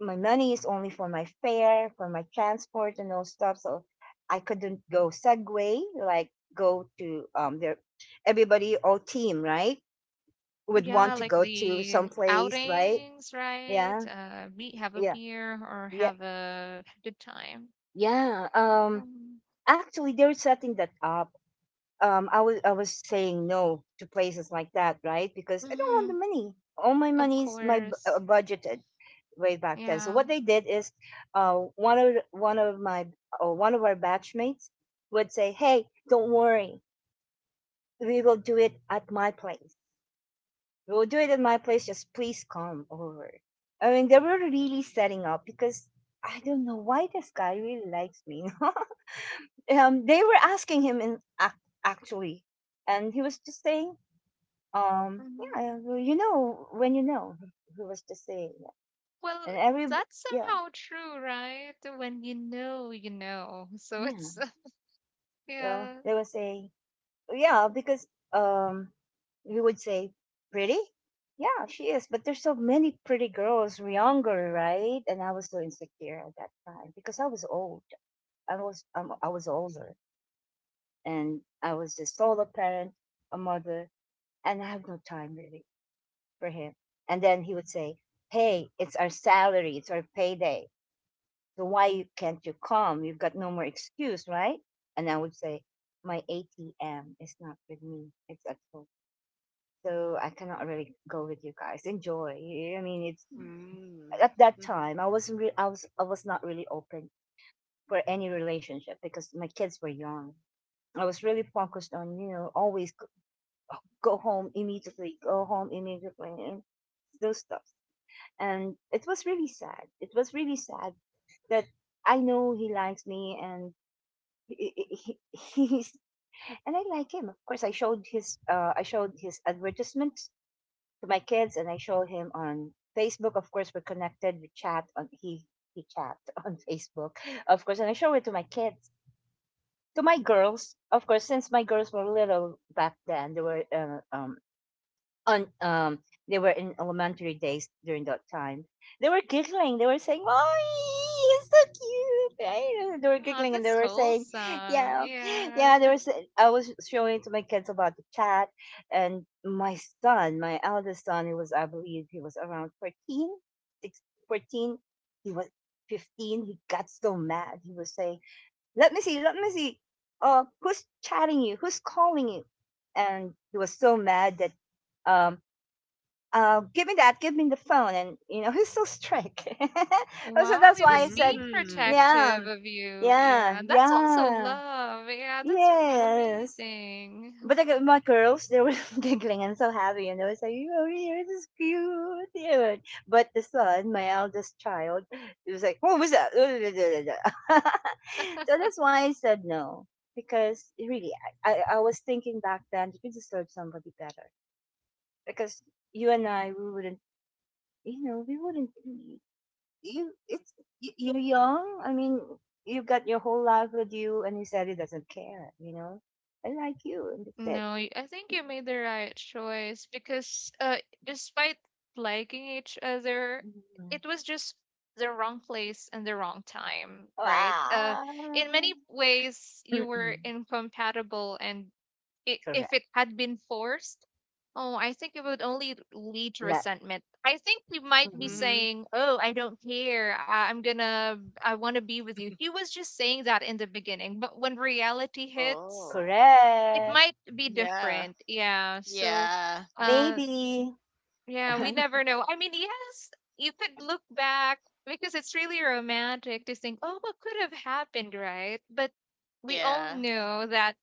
Speaker 1: my money is only for my fare, for my transport and all stuff. So I couldn't go Segway, like go to, there, everybody, all team, right? Would
Speaker 3: Yeah,
Speaker 1: want to
Speaker 3: like
Speaker 1: go to some
Speaker 3: the
Speaker 1: place, right?
Speaker 3: outings, right?
Speaker 1: Yeah.
Speaker 3: Be have a
Speaker 1: Yeah.
Speaker 3: beer or
Speaker 1: Yeah.
Speaker 3: have a good time.
Speaker 1: Yeah.
Speaker 3: Um,
Speaker 1: Actually, they're setting that up. I was saying no to places like that, right? Because I don't have
Speaker 3: hmm.
Speaker 1: the money. All my
Speaker 3: Of
Speaker 1: money's my bu-
Speaker 3: course.
Speaker 1: budgeted way back then. So
Speaker 3: Yeah.
Speaker 1: what they did is, one of my or one of our batchmates would say, "Hey, don't worry, we will do it at my place. We will do it at my place. Just please come over." I mean, they were really setting up because I don't know why this guy really likes me. They were asking him actually, and he was just saying. Um,
Speaker 3: Hmm.
Speaker 1: yeah, well, when you know he was to say, that, and
Speaker 3: Well,
Speaker 1: every.
Speaker 3: that's
Speaker 1: Yeah,
Speaker 3: somehow true, right? When you know, you know. So
Speaker 1: yeah.
Speaker 3: it's,
Speaker 1: Well,
Speaker 3: yeah,
Speaker 1: they would say, yeah, because he would say pretty, yeah, she is. But there's so many pretty girls younger, right? And I was so insecure at that time because I was old. I was older, and I was a solo parent, a mother, and I have no time really for him. And then he would say, "Hey, it's our salary, it's our payday." So why can't you come? You've got no more excuse, right? And I would say, my ATM is not with me. It's at home. So I cannot really go with you guys. Enjoy. I mean, it's
Speaker 2: Mm.
Speaker 1: at that
Speaker 2: Mhm.
Speaker 1: time I wasn't re- I was not really open for any relationship because my kids were young. I was really focused on, you know, go home immediately, and those stuff. And it was really sad. It was really sad that I know he likes me and he, he, he's, and I like him. Of course, I showed his advertisement to my kids, and I showed him on Facebook. Of course, we're connected. We chat on he chat on Facebook, of course, and I show it to my kids, to my girls. Of course, since my girls were little back then, they were on they were in elementary days during that time. They were giggling. They were saying, "Mommy, he's so cute!" Right? They were
Speaker 3: ah,
Speaker 1: giggling and they
Speaker 3: that's
Speaker 1: were saying,
Speaker 3: wholesome.
Speaker 1: "Yeah,
Speaker 3: Yeah.
Speaker 1: yeah." There was. I was showing to my kids about the cat, and my son, my eldest son, he was, I believe, he was around 14, six, 14. He was 15. He got so mad. He was saying, "Let me see. Let me see. Who's chatting you? Who's calling you?" And he was so mad that um, give me that, give me the phone. And, you know, he's so strict. So
Speaker 3: Wow,
Speaker 1: that's
Speaker 3: he
Speaker 1: why I
Speaker 3: was
Speaker 1: said,
Speaker 3: being
Speaker 2: Mm.
Speaker 1: yeah,
Speaker 3: protective of you.
Speaker 1: yeah,
Speaker 3: Yeah, that's also
Speaker 1: yeah,
Speaker 3: love. Yeah, that's
Speaker 1: yes.
Speaker 3: amazing.
Speaker 1: But like my girls, they were giggling and so happy, and they were saying, "Oh, here, this is cute." Yeah. But the son, my eldest child, he was like, "What was that?" So that's why I said no, because really, I was thinking back then, you could deserve somebody better because you and I, we wouldn't you know, we wouldn't. You, it's you're young. I mean, you've got your whole life with you, and he said he doesn't care. You know, I like you, and that's it.
Speaker 3: No, I think you made the right choice because despite liking each other,
Speaker 1: Mhm.
Speaker 3: it was just the wrong place and the wrong time, right? In
Speaker 1: Ah,
Speaker 3: many ways, you were
Speaker 1: mm-mm.
Speaker 3: incompatible, and if
Speaker 1: Correct.
Speaker 3: it had been forced, oh, I think it would only lead to
Speaker 1: That
Speaker 3: resentment. I think he might be
Speaker 1: mhm.
Speaker 2: Mhm.
Speaker 3: saying, "Oh, I don't care. I'm gonna, I want to be with you." He was just saying that in the beginning, but when reality hits,
Speaker 2: Oh.
Speaker 3: it
Speaker 1: Correct.
Speaker 3: might be
Speaker 2: Yeah.
Speaker 3: different. Yeah. So,
Speaker 2: Yeah.
Speaker 3: uh,
Speaker 1: Maybe.
Speaker 3: yeah, we never know. I mean, yes, you could look back because it's really romantic to think, "Oh, what could have happened?" Right? But we all
Speaker 2: Yeah.
Speaker 3: know that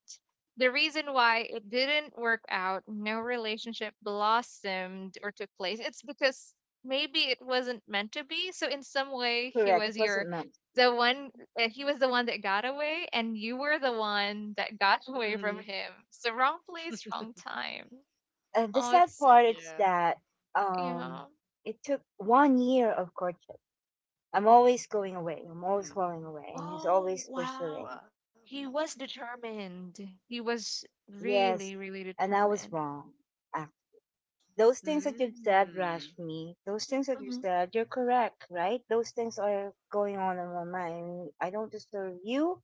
Speaker 3: the reason why it didn't work out, no relationship blossomed or took place, it's because maybe it wasn't meant to be. So in some way, he
Speaker 1: Correct. It
Speaker 3: was your
Speaker 1: wasn't meant.
Speaker 3: the one he was the one that got away and you were the one that got away from
Speaker 2: Mhm.
Speaker 3: him. So wrong place, wrong time.
Speaker 1: The
Speaker 3: Oh,
Speaker 1: sad
Speaker 3: it's
Speaker 1: part is
Speaker 2: Yeah.
Speaker 1: that
Speaker 3: you
Speaker 1: um,
Speaker 3: know.
Speaker 1: it took one year of courtship. I'm always going away. I'm always
Speaker 2: Mm.
Speaker 1: going away, and he's
Speaker 3: Oh,
Speaker 1: always
Speaker 3: wow.
Speaker 1: pursuing.
Speaker 2: Wow.
Speaker 3: He was determined. He was
Speaker 1: Yes,
Speaker 3: really, really
Speaker 1: and I was
Speaker 3: determined.
Speaker 1: wrong. Ac- Those things that you said,
Speaker 2: Mm.
Speaker 1: Rashmi, those things that you said, you're correct, right? Those things are going on in my mind. I don't deserve you,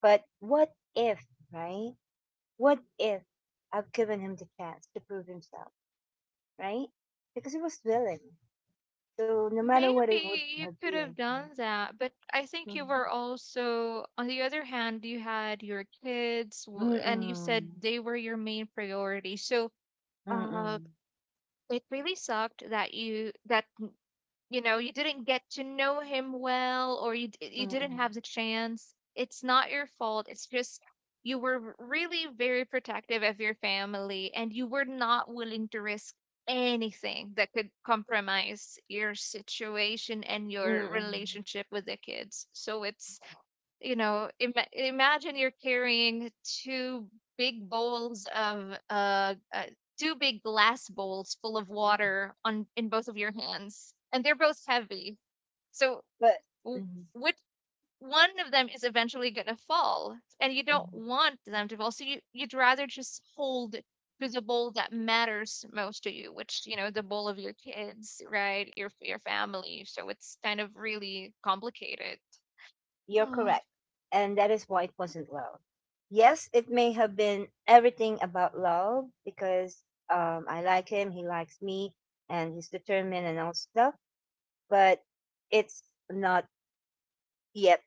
Speaker 1: but what if, right? What if I've given him the chance to prove himself, right? Because he was willing. So no matter what it would
Speaker 3: Maybe you
Speaker 1: have
Speaker 3: could
Speaker 1: been,
Speaker 3: have
Speaker 1: right?
Speaker 3: done that, but I think you
Speaker 1: Mm-mm.
Speaker 3: were also, on the other hand, you had your kids, and you said
Speaker 1: Mm-mm.
Speaker 3: they were your main priority. So, uh,
Speaker 1: Mm-mm.
Speaker 3: it really sucked that you know you didn't get to know him well, or you
Speaker 1: Mm-mm.
Speaker 3: didn't have the chance. It's not your fault, it's just you were really very protective of your family and you were not willing to risk anything that could compromise your situation and your
Speaker 1: Mm-mm.
Speaker 3: relationship with the kids. So it's, you know, imagine you're carrying two big bowls of two big glass bowls full of water on in both of your hands, and they're both heavy. So
Speaker 1: But.
Speaker 3: w-
Speaker 1: Mm-mm.
Speaker 3: which one of them is eventually going to fall, and you don't want them to fall, so you, you'd rather just hold to the bowl that matters most to you, which you know, the bowl of your kids, right? Your family. So it's kind of really complicated.
Speaker 1: You're
Speaker 3: Oh,
Speaker 1: correct. And that is why it wasn't love. Yes, it may have been everything about love because I like him, he likes me, and he's determined and all stuff, but it's not yet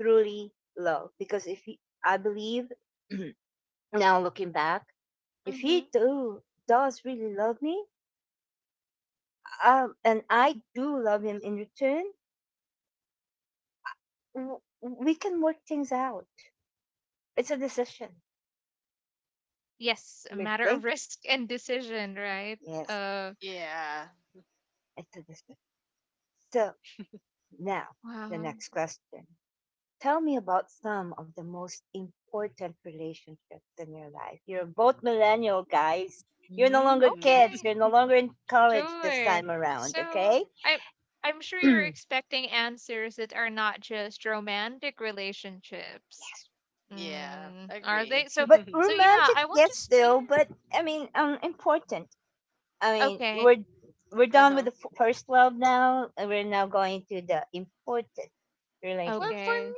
Speaker 1: truly love because if he, I believe, now looking back, if
Speaker 3: hmm.
Speaker 1: he do does really love me, and I do love him in return, we can work things out. It's a decision.
Speaker 3: Yes, a
Speaker 1: We
Speaker 3: matter
Speaker 1: think,
Speaker 3: of risk and decision, right?
Speaker 1: yes,
Speaker 3: Uh,
Speaker 2: Yeah.
Speaker 1: it's a decision. So, now, the
Speaker 3: wow.
Speaker 1: next question. Tell me about some of the most important relationships in your life. You're both millennial guys. You're no longer
Speaker 2: Mm. Mm.
Speaker 1: kids.
Speaker 3: Okay,
Speaker 1: You're no longer in college this
Speaker 3: sure.
Speaker 1: time around,
Speaker 3: So
Speaker 1: okay?
Speaker 3: I, I'm sure you're
Speaker 1: But
Speaker 3: expecting answers that are not just romantic relationships.
Speaker 2: Yeah.
Speaker 3: Mm, are
Speaker 2: Agree.
Speaker 3: they? So so yeah,
Speaker 1: romantic,
Speaker 3: I want to.
Speaker 1: yes,
Speaker 3: Yeah.
Speaker 1: still, but I mean, important. I mean,
Speaker 3: Okay.
Speaker 1: we're
Speaker 2: Uh
Speaker 1: done with
Speaker 2: huh.
Speaker 1: the first love now, and we're now going to the important
Speaker 2: Well,
Speaker 1: relationship.
Speaker 2: for
Speaker 3: Okay.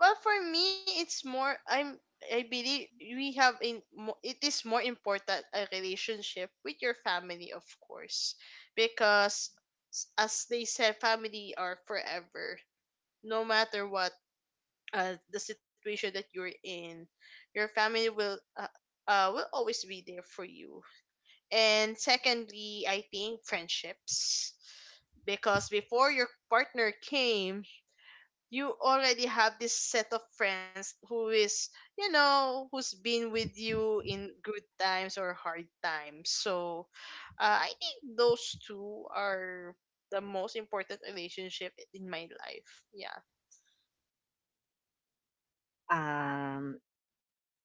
Speaker 2: Well, for me, it's more. I'm. I believe we have a, it is more important a relationship with your family, of course, because, as they said, family are forever. No matter what the situation that you're in, your family will always be there for you. And secondly, I think friendships, because before your partner came you already have this set of friends who is, you know, who's been with you in good times or hard times. So I think those two are the most important relationship in my life, yeah.
Speaker 1: Um,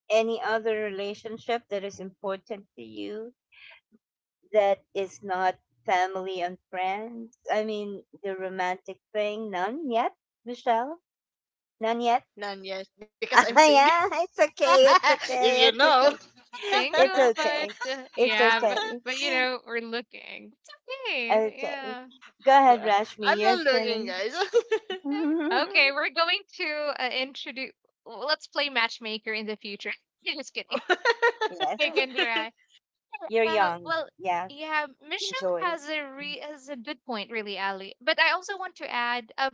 Speaker 1: any other relationship that is important to you? That is not family and friends? I mean, the romantic thing? None yet, Michelle? None yet?
Speaker 2: None yet because I'm
Speaker 1: Ah,
Speaker 2: single.
Speaker 1: yeah, it's okay, it's
Speaker 2: If you
Speaker 1: okay, it's
Speaker 2: know.
Speaker 1: okay. It's
Speaker 3: Single, but
Speaker 1: okay. It's
Speaker 3: yeah,
Speaker 1: okay.
Speaker 3: but you know, we're looking. It's okay.
Speaker 1: Okay.
Speaker 3: Yeah.
Speaker 1: Go ahead, Rashmi,
Speaker 2: I'm not
Speaker 1: your
Speaker 2: looking,
Speaker 1: turn.
Speaker 2: guys.
Speaker 3: Okay, we're going to introduce. Let's play matchmaker in the future. Just kidding.
Speaker 1: Yes,
Speaker 3: Like, and, uh,
Speaker 1: you're
Speaker 3: uh,
Speaker 1: young.
Speaker 3: well,
Speaker 1: Yes,
Speaker 3: yeah, Michelle
Speaker 1: enjoy.
Speaker 3: has a re has a good point, really, Ali. But I also want to add up.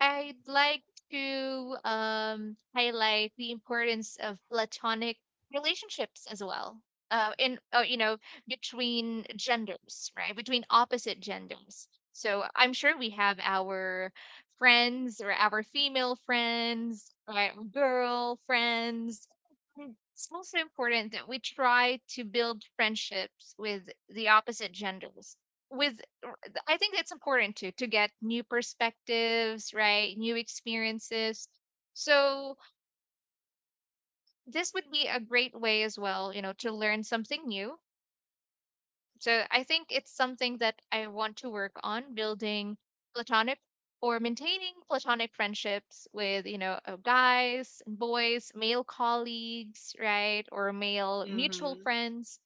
Speaker 3: I'd like to highlight the importance of platonic relationships as well. In between genders, right? Between opposite genders. So I'm sure we have our friends or our female friends, right? Girl friends and it's also important that we try to build friendships with the opposite genders. With, r- I think it's important to get new perspectives, right? New experiences. So this would be a great way as well, you know, to learn something new. So I think it's something that I want to work on building platonic or maintaining platonic friendships with, you know, guys and boys, male colleagues, right? Or male mutual
Speaker 2: Mm-hmm.
Speaker 3: friends.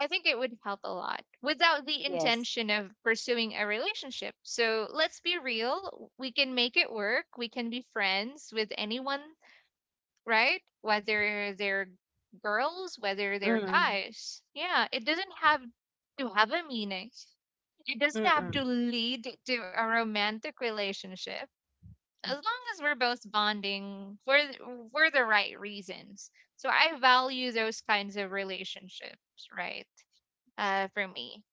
Speaker 3: I think it would help a lot without the
Speaker 1: Yes.
Speaker 3: intention of pursuing a relationship. So let's be real. We can make it work. We can be friends with anyone, right? Whether they're girls, whether they're
Speaker 1: Mm.
Speaker 3: guys. Yeah, it doesn't have to have a meaning. It doesn't have
Speaker 1: Mm-mm.
Speaker 3: to lead to a romantic relationship. As long as we're both bonding for for the right reasons. So I value those kinds of relationships, right? For me.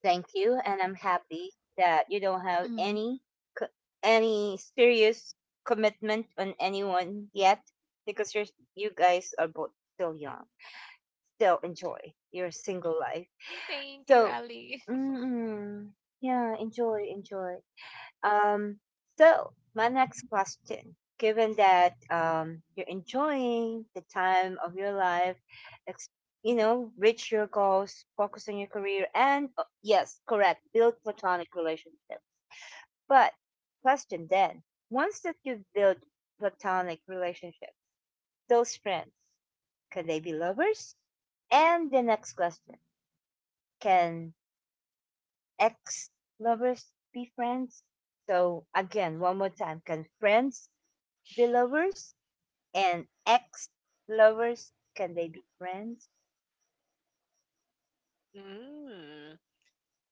Speaker 1: Thank you, and I'm happy that you don't have
Speaker 3: Mhm.
Speaker 1: any co- any serious commitment on anyone yet because you guys are both still young. Still enjoy your single life.
Speaker 3: Thank you,
Speaker 1: So,
Speaker 3: Ali.
Speaker 1: mm, yeah, enjoy, enjoy. Um, so my next question, given that you're enjoying the time of your life, ex- reach your goals, focus on your career, and yes, correct, build platonic relationships. But question then, once that you've built platonic relationships, those friends, can they be lovers? And the next question, can ex lovers be friends? So again, one more time, can friends Belovers and ex lovers, can they be friends?
Speaker 2: Mm.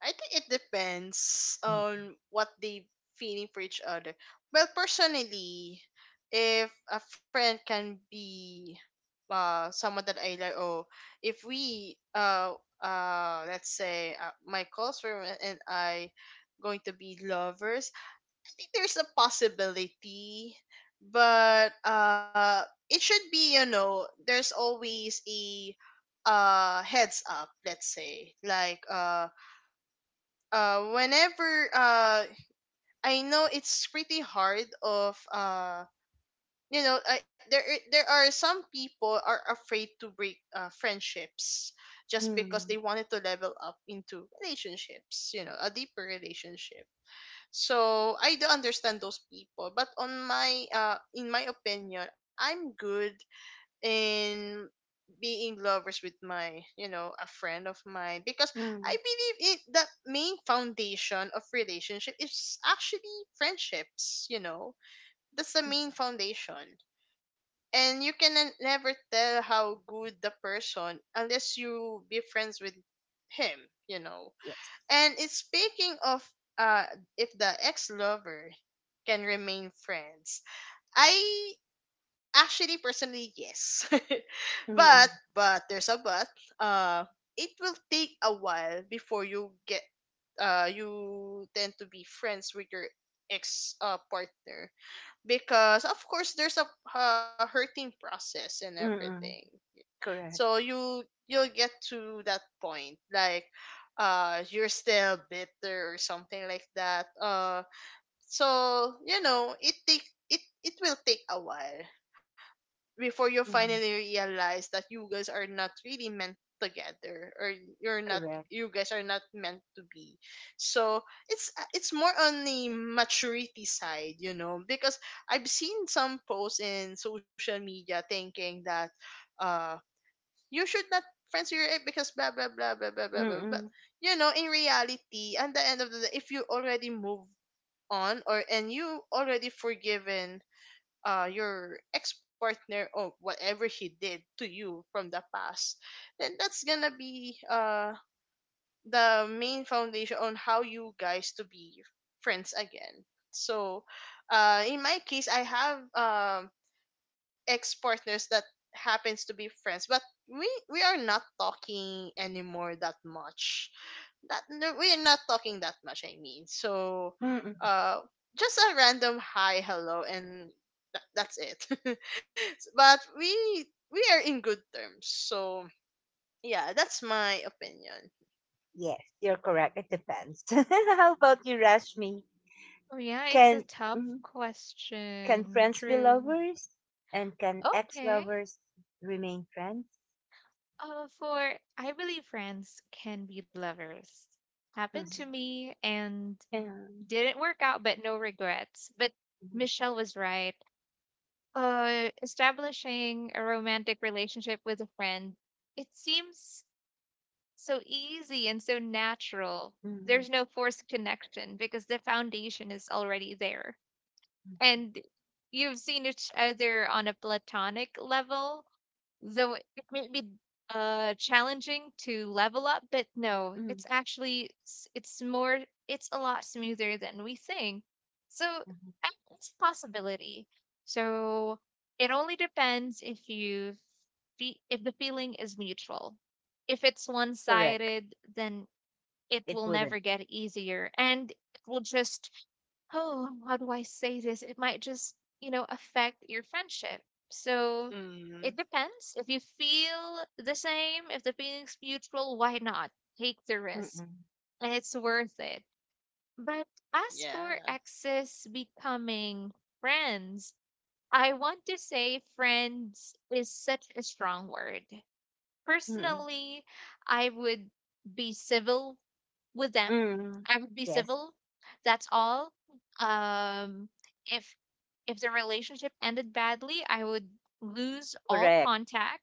Speaker 2: I think it depends
Speaker 1: Mm.
Speaker 2: on what they feeling for each other. Well, personally, if a friend can be someone that I like, oh, if we let's say my close friend and I going to be lovers, I think there's a possibility, but it should be, you know, there's always a heads up, let's say like, whenever I know it's pretty hard of, you know, there are some people are afraid to break friendships just because they
Speaker 1: Mm,
Speaker 2: wanted to level up into relationships, you know, a deeper relationship. So I do understand those people, but on my, in my opinion, I'm good in being lovers with my, you know, a friend of mine, because I
Speaker 1: mm,
Speaker 2: believe it, the main foundation of relationship is actually friendships, you know, that's the main foundation. And you can never tell how good the person unless you be friends with him, you know.
Speaker 1: yes,
Speaker 2: And it's speaking of, uh if the ex lover can remain friends, I actually, personally, yes. but
Speaker 1: mm,
Speaker 2: but there's a but. Uh, it will take a while before you get, you tend to be friends with your ex partner, because of course there's a hurting process and everything.
Speaker 1: mm,
Speaker 2: So
Speaker 1: correct.
Speaker 2: you you'll get to that point like, you're still bitter or something like that. So you know, it will take a while before you
Speaker 1: Mm,
Speaker 2: finally realize that you guys are not really meant together, or you're not,
Speaker 1: correct.
Speaker 2: you guys are not meant to be. So it's more on the maturity side, you know, because I've seen some posts in social media thinking that, uh you should not friends with your ex because blah blah blah blah blah blah blah. But
Speaker 1: Mm,
Speaker 2: you know, in reality, at the end of the day, if you already move on, or and you already forgiven your ex partner or whatever he did to you from the past, then that's gonna be the main foundation on how you guys to be friends again. So, in my case, I have ex partners that happens to be friends, but we we are not talking anymore that much. Not no, we're not talking that much, I mean. So
Speaker 1: mm,
Speaker 2: uh just a random hi hello and that's it. But we are in good terms, so yeah, that's my opinion.
Speaker 1: yes, you're correct. It depends. How about you, Rashmi?
Speaker 3: Oh, yeah, it's
Speaker 1: Can
Speaker 3: a tough
Speaker 1: mhm, can
Speaker 3: question.
Speaker 1: friends be
Speaker 3: True.
Speaker 1: lovers, and can ex
Speaker 3: Okay.
Speaker 1: lovers remain friends?
Speaker 3: For I believe friends can be lovers. Happened
Speaker 1: Mm,
Speaker 3: to me and
Speaker 1: mm,
Speaker 3: didn't work out, but no regrets. But
Speaker 1: mm,
Speaker 3: Michelle was right. Establishing a romantic relationship with a friend, it seems so easy and so natural.
Speaker 1: mm,
Speaker 3: There's no forced connection because the foundation is already there.
Speaker 1: mm,
Speaker 3: And you've seen each other on a platonic level. Though it might be challenging to level up, but no,
Speaker 1: mm,
Speaker 3: it's actually it's more, it's a lot smoother than we think. So
Speaker 1: mm,
Speaker 3: uh, it's a possibility. So it only depends if if the feeling is mutual. If it's
Speaker 1: correct.
Speaker 3: one-sided, then it
Speaker 1: It
Speaker 3: will
Speaker 1: wouldn't.
Speaker 3: never get easier and it will just oh, how do I say this? It might just, you know, affect your friendship. So it
Speaker 2: Mm-hmm.
Speaker 3: depends. If you feel the same, if the feeling's mutual, why not? Take the
Speaker 1: Mm,
Speaker 3: risk
Speaker 1: mm,
Speaker 3: and it's worth it. But as for
Speaker 2: Yeah.
Speaker 3: exes becoming friends, I want to say friends is such a strong word.
Speaker 1: mm,
Speaker 3: Personally, I would be civil with them.
Speaker 1: mm,
Speaker 3: I would be
Speaker 1: yes,
Speaker 3: civil. That's all. Um, if if the relationship ended badly, I would lose all
Speaker 1: correct.
Speaker 3: contact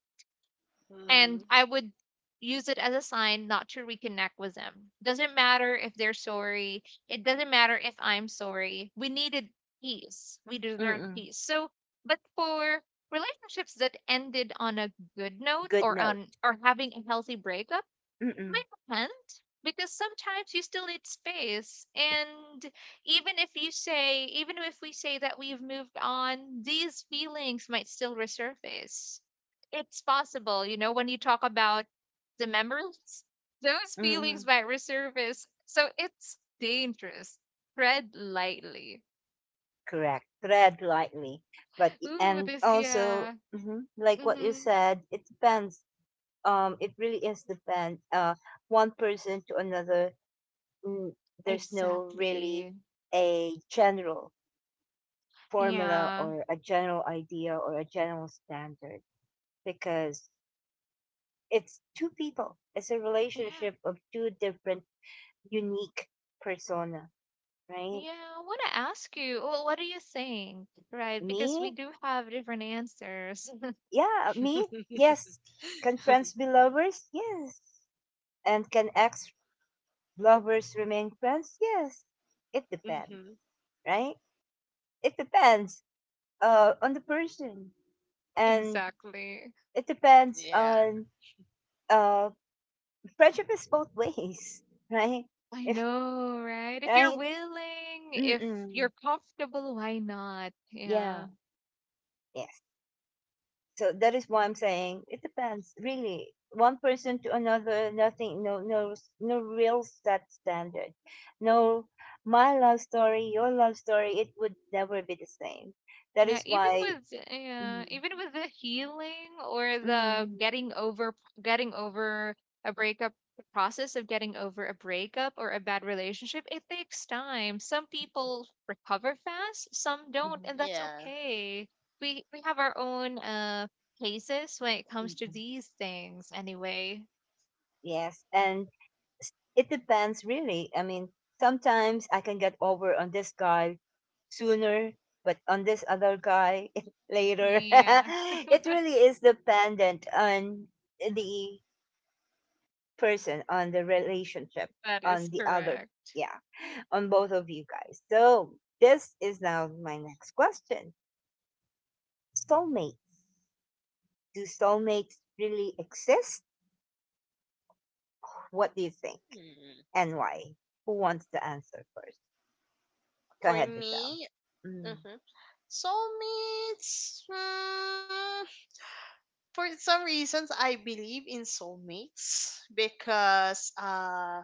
Speaker 3: and
Speaker 2: Mm-hmm.
Speaker 3: I would use it as a sign not to reconnect with them. Doesn't matter if they're sorry. It doesn't matter if I'm sorry. We needed peace. We deserve
Speaker 1: Mm.
Speaker 3: peace. So, but for relationships that ended on a good note
Speaker 1: Good
Speaker 3: or
Speaker 1: note.
Speaker 3: on or having a healthy breakup, we
Speaker 1: Mm-mm.
Speaker 3: can't because sometimes you still need space. And even if you say, even if we say that we've moved on, these feelings might still resurface. It's possible, you know, when you talk about the memories, those feelings
Speaker 1: Mm.
Speaker 3: might resurface. So it's dangerous. Tread lightly.
Speaker 1: Correct. Tread lightly, but
Speaker 3: Ooh,
Speaker 1: and
Speaker 3: this,
Speaker 1: also
Speaker 3: yeah.
Speaker 1: mhm, like what you
Speaker 3: Mm-hmm.
Speaker 1: said, it depends. It really is depend. One person to another. Mm, there's no really
Speaker 3: Exactly.
Speaker 1: a general formula
Speaker 3: Yeah.
Speaker 1: or a general idea or a general standard because it's two people. It's a
Speaker 3: Yeah.
Speaker 1: relationship of two different unique persona, right?
Speaker 3: Yeah, I want to ask you, well, what do you think? Right? Because we
Speaker 1: Me?
Speaker 3: do have different answers.
Speaker 1: Yeah, me? Yes. Can friends be lovers? Yes. And can ex lovers remain friends? Yes. It depends,
Speaker 2: Mm-hmm.
Speaker 1: right? It depends on the person and
Speaker 3: Exactly.
Speaker 1: it depends
Speaker 2: Yeah.
Speaker 1: on uh, prejudice both ways, right?
Speaker 3: I
Speaker 1: If
Speaker 3: know, right? If you're
Speaker 1: right,
Speaker 3: willing, if you're
Speaker 1: mm-mm,
Speaker 3: comfortable, why not?
Speaker 1: yeah,
Speaker 3: Yeah.
Speaker 1: yes. So that is why I'm saying it depends, really. One person to another, nothing, no, no, no real set standard. No, my love story, your love story, it would never be the same. That
Speaker 3: Yeah,
Speaker 1: is why, mm,
Speaker 3: even with the healing or
Speaker 1: mm,
Speaker 3: the
Speaker 1: mm,
Speaker 3: getting over a breakup, the process of getting over a breakup or a bad relationship, it takes time. Some people recover fast, some don't,
Speaker 1: mm,
Speaker 3: and that's
Speaker 2: Yeah.
Speaker 3: okay. We have our own paces when it comes to
Speaker 1: mm,
Speaker 3: these things anyway.
Speaker 1: yes, and it depends really. I mean, sometimes I can get over on this guy sooner, but on this other guy later.
Speaker 3: Yeah,
Speaker 1: It really is dependent on the person, on the relationship,
Speaker 3: that is
Speaker 1: on the other,
Speaker 3: correct.
Speaker 1: yeah, on both of you guys. So, this is now my next question. Soulmates. Do soulmates really exist? What do you think
Speaker 2: Mm.
Speaker 1: and why? Who wants to answer first? Go
Speaker 2: For
Speaker 1: ahead, Michelle.
Speaker 2: me,
Speaker 1: Mm.
Speaker 2: mm-hmm, soulmates, mm, for some reasons I believe in soulmates because,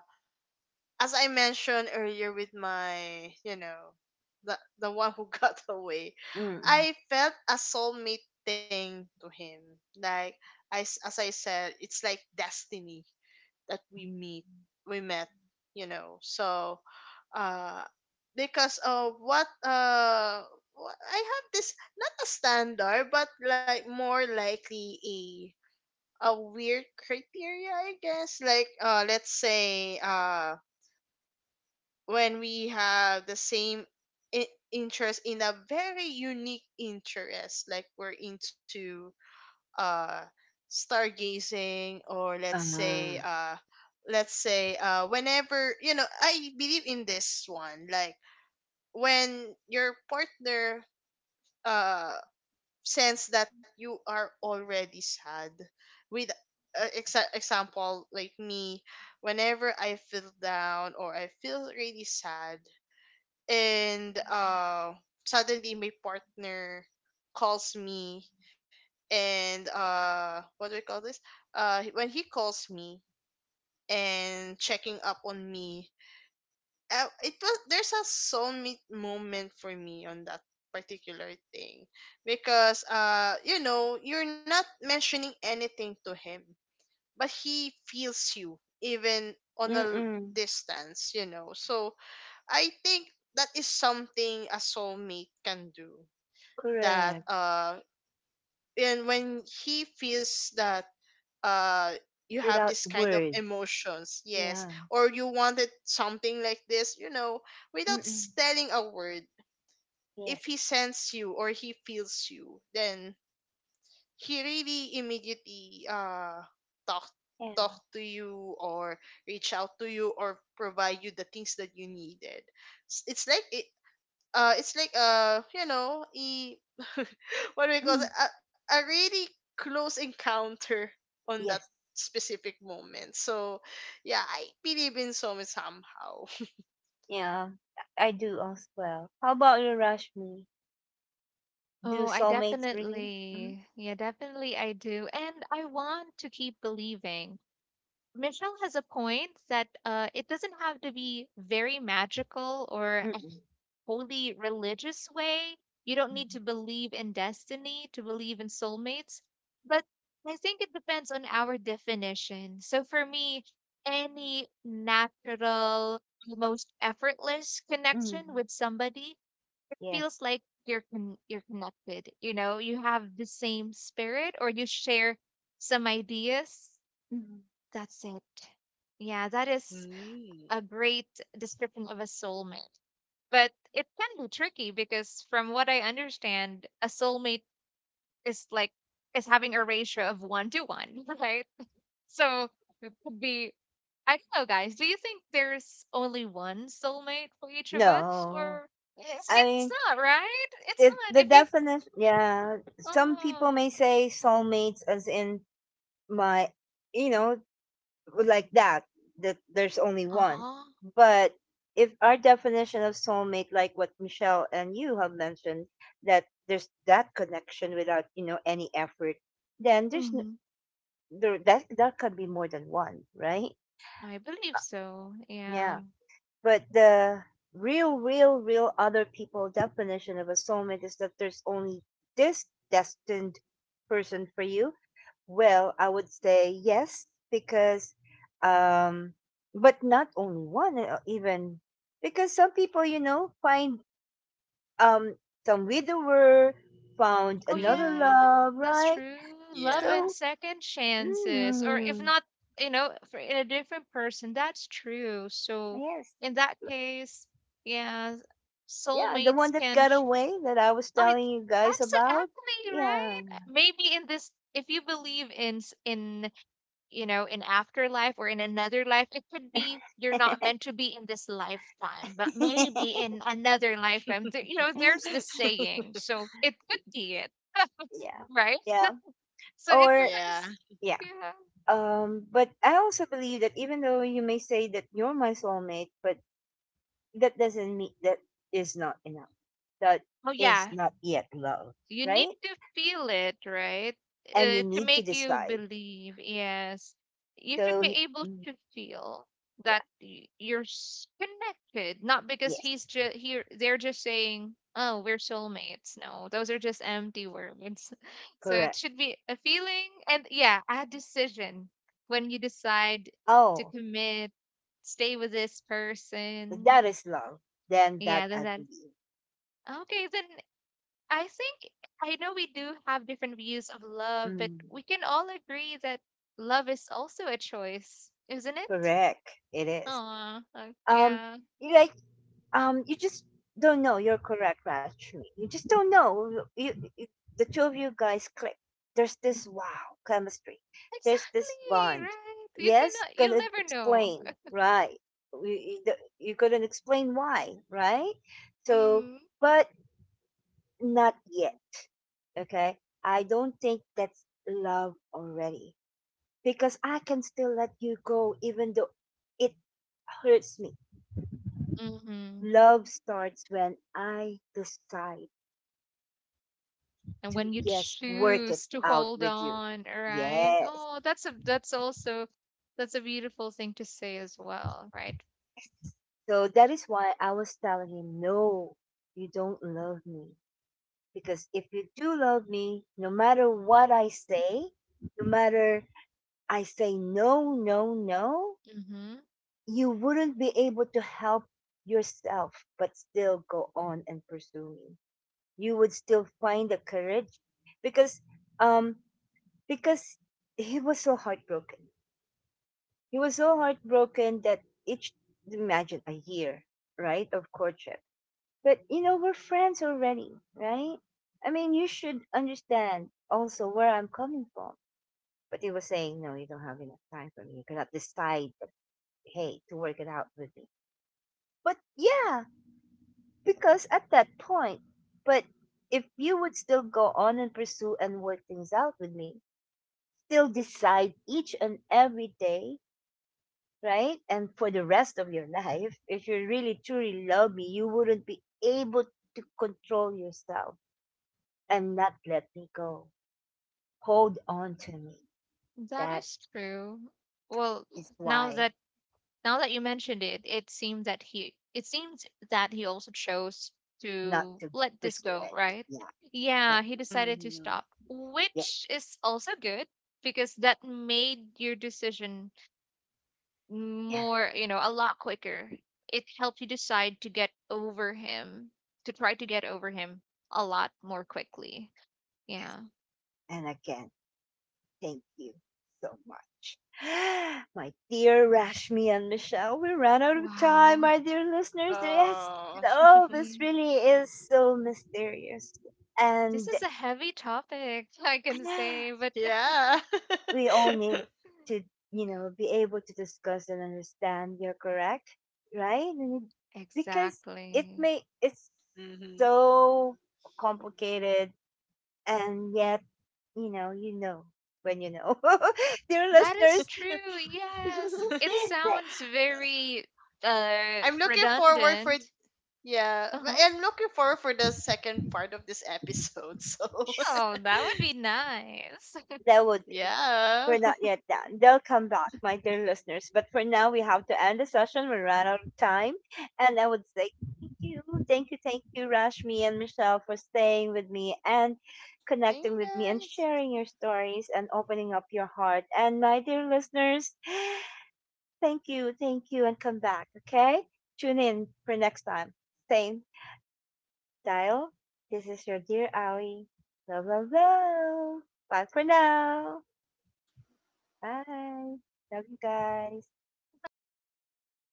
Speaker 2: as I mentioned earlier with my, you know, the one who got away,
Speaker 1: Mm.
Speaker 2: I felt a soulmate thing to him. Like, as I said, it's like destiny that we meet, we met, you know. So, uh, because of what I have this not a standard, but like more likely a weird criteria, I guess. Like, let's say when we have the same interest in a very unique interest, like we're into uh stargazing, or let's say
Speaker 1: Ah,
Speaker 2: whenever, you know, I believe in this one, like when your partner uh sense that you are already sad with, example like me, whenever I feel down or I feel really sad, and suddenly my partner calls me, and what do we call this, when he calls me and checking up on me, it was, there's a soulmate moment for me on that particular thing, because you know, you're not mentioning anything to him, but he feels you even on a
Speaker 1: mm.
Speaker 2: distance, you know. So I think that is something a soulmate can do. That
Speaker 1: Correct.
Speaker 2: and when he feels that uh, you have
Speaker 1: Without
Speaker 2: this kind of
Speaker 1: words.
Speaker 2: emotions, yes,
Speaker 1: Yeah.
Speaker 2: or you wanted something like this, you know, without
Speaker 1: Mm.
Speaker 2: telling a word,
Speaker 1: Yes.
Speaker 2: if he sends you or he feels you, then he really immediately talk, talk
Speaker 1: Yeah.
Speaker 2: to you or reach out to you or provide you the things that you needed. It's like it, it's like, you know, e what do we call it,
Speaker 1: Mm.
Speaker 2: a really close encounter on that
Speaker 1: Yes.
Speaker 2: specific moment. So yeah, I believe in some somehow.
Speaker 1: Yeah. I do as well. How about you, Rashmi?
Speaker 3: Oh,
Speaker 1: Do
Speaker 3: I
Speaker 1: soulmates really? Mm.
Speaker 3: definitely, yeah, definitely I do. And I want to keep believing. Michelle has a point that it doesn't have to be very magical or a
Speaker 1: Mm.
Speaker 3: wholly religious way. You don't
Speaker 1: Mm.
Speaker 3: need to believe in destiny to believe in soulmates. But I think it depends on our definition. So for me, any natural, most effortless
Speaker 1: Mm.
Speaker 3: connection with somebody, it
Speaker 1: Yes.
Speaker 3: feels like you're con- you're connected. You know, you have the same spirit or you share some ideas,
Speaker 1: Mm.
Speaker 3: that's it. Yeah, that is
Speaker 2: Mm.
Speaker 3: a great description of a soulmate. But it can be tricky because from what I understand, a soulmate is like is having a ratio of one to one, right? So it could be I don't know, guys. Do you think there's only one soulmate for each of us,
Speaker 1: No.
Speaker 3: or
Speaker 1: I
Speaker 3: it's
Speaker 1: mean,
Speaker 3: not right? It's
Speaker 1: it,
Speaker 3: not.
Speaker 1: the
Speaker 3: If you
Speaker 1: definition. Yeah. Some people
Speaker 3: oh
Speaker 1: may say soulmates as in my, you know, like that that there's only one,
Speaker 3: oh,
Speaker 1: but if our definition of soulmate like what Michelle and you have mentioned, that there's that connection without you know any effort, then
Speaker 3: mhm.
Speaker 1: there that that could be more than one, right?
Speaker 3: I believe so.
Speaker 1: Yeah,
Speaker 3: Yeah.
Speaker 1: but the real real real other people definition of a soulmate is that there's only this destined person for you. Well, I would say yes, because, um, but not only one, even because some people, you know, find um some widower found
Speaker 3: Oh yeah,
Speaker 1: another
Speaker 2: Hmm.
Speaker 1: love,
Speaker 3: that's
Speaker 1: right?
Speaker 3: true. Love
Speaker 2: Yeah.
Speaker 3: and
Speaker 1: So,
Speaker 3: second chances, or if
Speaker 1: mm,
Speaker 3: not, you know, for a different person. That's true. So
Speaker 1: yes,
Speaker 3: in that case, yeah,
Speaker 1: yeah, the one
Speaker 3: soulmates
Speaker 1: that
Speaker 3: can.
Speaker 1: got
Speaker 3: Ch-
Speaker 1: away that I was
Speaker 3: Oh, it,
Speaker 1: telling you guys about,
Speaker 3: actually, right?
Speaker 1: yeah,
Speaker 3: Maybe in this, if you believe in you know in afterlife or in another life, it could be you're not meant to be in this lifetime, but maybe in another lifetime. There, you know, there's this saying, so it could be it,
Speaker 1: yeah,
Speaker 3: right?
Speaker 1: yeah,
Speaker 3: So it
Speaker 1: or
Speaker 2: Yeah.
Speaker 3: depends.
Speaker 1: yeah.
Speaker 3: Yeah.
Speaker 1: But I also believe that even though you may say that you're my soulmate, but that doesn't mean that is not enough. That
Speaker 3: Oh
Speaker 1: is
Speaker 3: yeah,
Speaker 1: not yet love,
Speaker 3: you need
Speaker 1: right?
Speaker 3: to feel it, right?
Speaker 1: And you
Speaker 3: To
Speaker 1: need to
Speaker 3: make you
Speaker 1: decide.
Speaker 3: believe. Yes, you
Speaker 1: So,
Speaker 3: should be able
Speaker 1: mm,
Speaker 3: to feel
Speaker 1: yeah,
Speaker 3: that you're connected, not because
Speaker 1: yes,
Speaker 3: he's just here. They're just saying, "Oh, we're soulmates." No, those are just empty words. So it
Speaker 1: correct.
Speaker 3: should be a feeling, and yeah, a decision when you decide to
Speaker 1: Oh,
Speaker 3: commit, stay with this
Speaker 1: that
Speaker 3: person.
Speaker 1: is love. Then
Speaker 3: Yeah,
Speaker 1: that
Speaker 3: then
Speaker 1: I
Speaker 3: that
Speaker 1: believe.
Speaker 3: okay, then I think I know we do have different views of love, but
Speaker 1: Mm,
Speaker 3: we can all agree that love is also a choice, isn't it?
Speaker 1: correct. It is.
Speaker 3: Aw,
Speaker 1: Um,
Speaker 3: yeah.
Speaker 1: like um, you just don't know. You're correct, Rashmi. You just don't know. The two of you guys click. There's this wow chemistry. There's this
Speaker 3: Exactly,
Speaker 1: bond.
Speaker 3: right? You
Speaker 1: Yes, you
Speaker 3: cannot, you'll
Speaker 1: couldn't
Speaker 3: never know.
Speaker 1: explain, right? You couldn't explain why, right? So,
Speaker 3: Mm.
Speaker 1: but not yet. Okay, I don't think that's love already because I can still let you go, even though it hurts me.
Speaker 3: Mm-hmm.
Speaker 1: Love starts when I decide
Speaker 3: And
Speaker 1: to
Speaker 3: when you
Speaker 1: yes work it
Speaker 3: choose to
Speaker 1: out
Speaker 3: hold
Speaker 1: with you,
Speaker 3: on, right?
Speaker 1: yes,
Speaker 3: Oh, that's a that's also that's a beautiful thing to say as well, right?
Speaker 1: so that is why I was telling him no, you don't love me, because if you do love me, no matter what I say, no matter I say no, no, no,
Speaker 3: Mm-hmm.
Speaker 1: you wouldn't be able to help yourself but still go on and pursue me. You would still find the courage, because um, because he was so heartbroken. He was so heartbroken that each imagine a year, right, of courtship. But you know, we're friends already, right? I mean, you should understand also where I'm coming from. But he was saying, no, you don't have enough time for me. You cannot decide, hey, to work it out with me. But yeah, because at that point, but if you would still go on and pursue and work things out with me, still decide each and every day, right? And for the rest of your life, if you really truly love me, you wouldn't be able to control yourself and not let me go. Hold on to me.
Speaker 3: That
Speaker 1: That
Speaker 3: is true. Well,
Speaker 1: is
Speaker 3: now
Speaker 1: why
Speaker 3: that now that you mentioned it, it seems that he it seems that he also chose
Speaker 1: not
Speaker 3: to
Speaker 1: to
Speaker 3: let this
Speaker 1: pursue
Speaker 3: go,
Speaker 1: any.
Speaker 3: right?
Speaker 1: Yeah,
Speaker 3: Yeah,
Speaker 1: let
Speaker 3: he
Speaker 1: go.
Speaker 3: decided to
Speaker 2: Hmm.
Speaker 3: stop,
Speaker 1: Yes,
Speaker 3: which is also good because that made your decision
Speaker 1: yeah.
Speaker 3: more, you know, a lot quicker. It helped you decide to get over him, to try to get over him a lot more quickly. Yeah.
Speaker 1: And again, thank you so much. My dear Rashmi and Michelle, we ran out of time,
Speaker 3: Wow.
Speaker 1: my dear listeners. Yes,
Speaker 2: Oh
Speaker 1: love is
Speaker 3: Yeah.
Speaker 1: really is so mysterious.
Speaker 3: This
Speaker 1: And
Speaker 3: is a heavy topic, I can say, but
Speaker 2: yeah.
Speaker 1: we all need to, you know, be able to discuss and understand. You're correct, right? We need- Because it
Speaker 3: exactly.
Speaker 1: may, it's
Speaker 2: Hmm.
Speaker 1: so complicated, and yet, you know when you know. Dear
Speaker 3: That is
Speaker 1: listeners,
Speaker 3: true. Yes. It
Speaker 1: that
Speaker 3: sounds very
Speaker 2: I'm looking forward for
Speaker 3: redundant.
Speaker 2: yeah,
Speaker 3: Uh-huh.
Speaker 2: I'm looking forward for the second part of this episode. So
Speaker 3: Oh, that would be nice.
Speaker 1: that would be.
Speaker 2: Yeah.
Speaker 1: We're not yet done. They'll come back, my dear listeners. But for now, we have to end the session. We ran out of time. And I would say thank you, thank you, thank you, Rashmi and Michelle, for staying with me and
Speaker 2: Hey
Speaker 1: connecting with me and
Speaker 2: guys.
Speaker 1: sharing your stories and opening up your heart. And my dear listeners, thank you, and come back, okay? Tune in for next time. Same dial. This is your dear Ali. Love, love, love. Bye for now. Bye. Love you guys.
Speaker 3: Bye, everyone.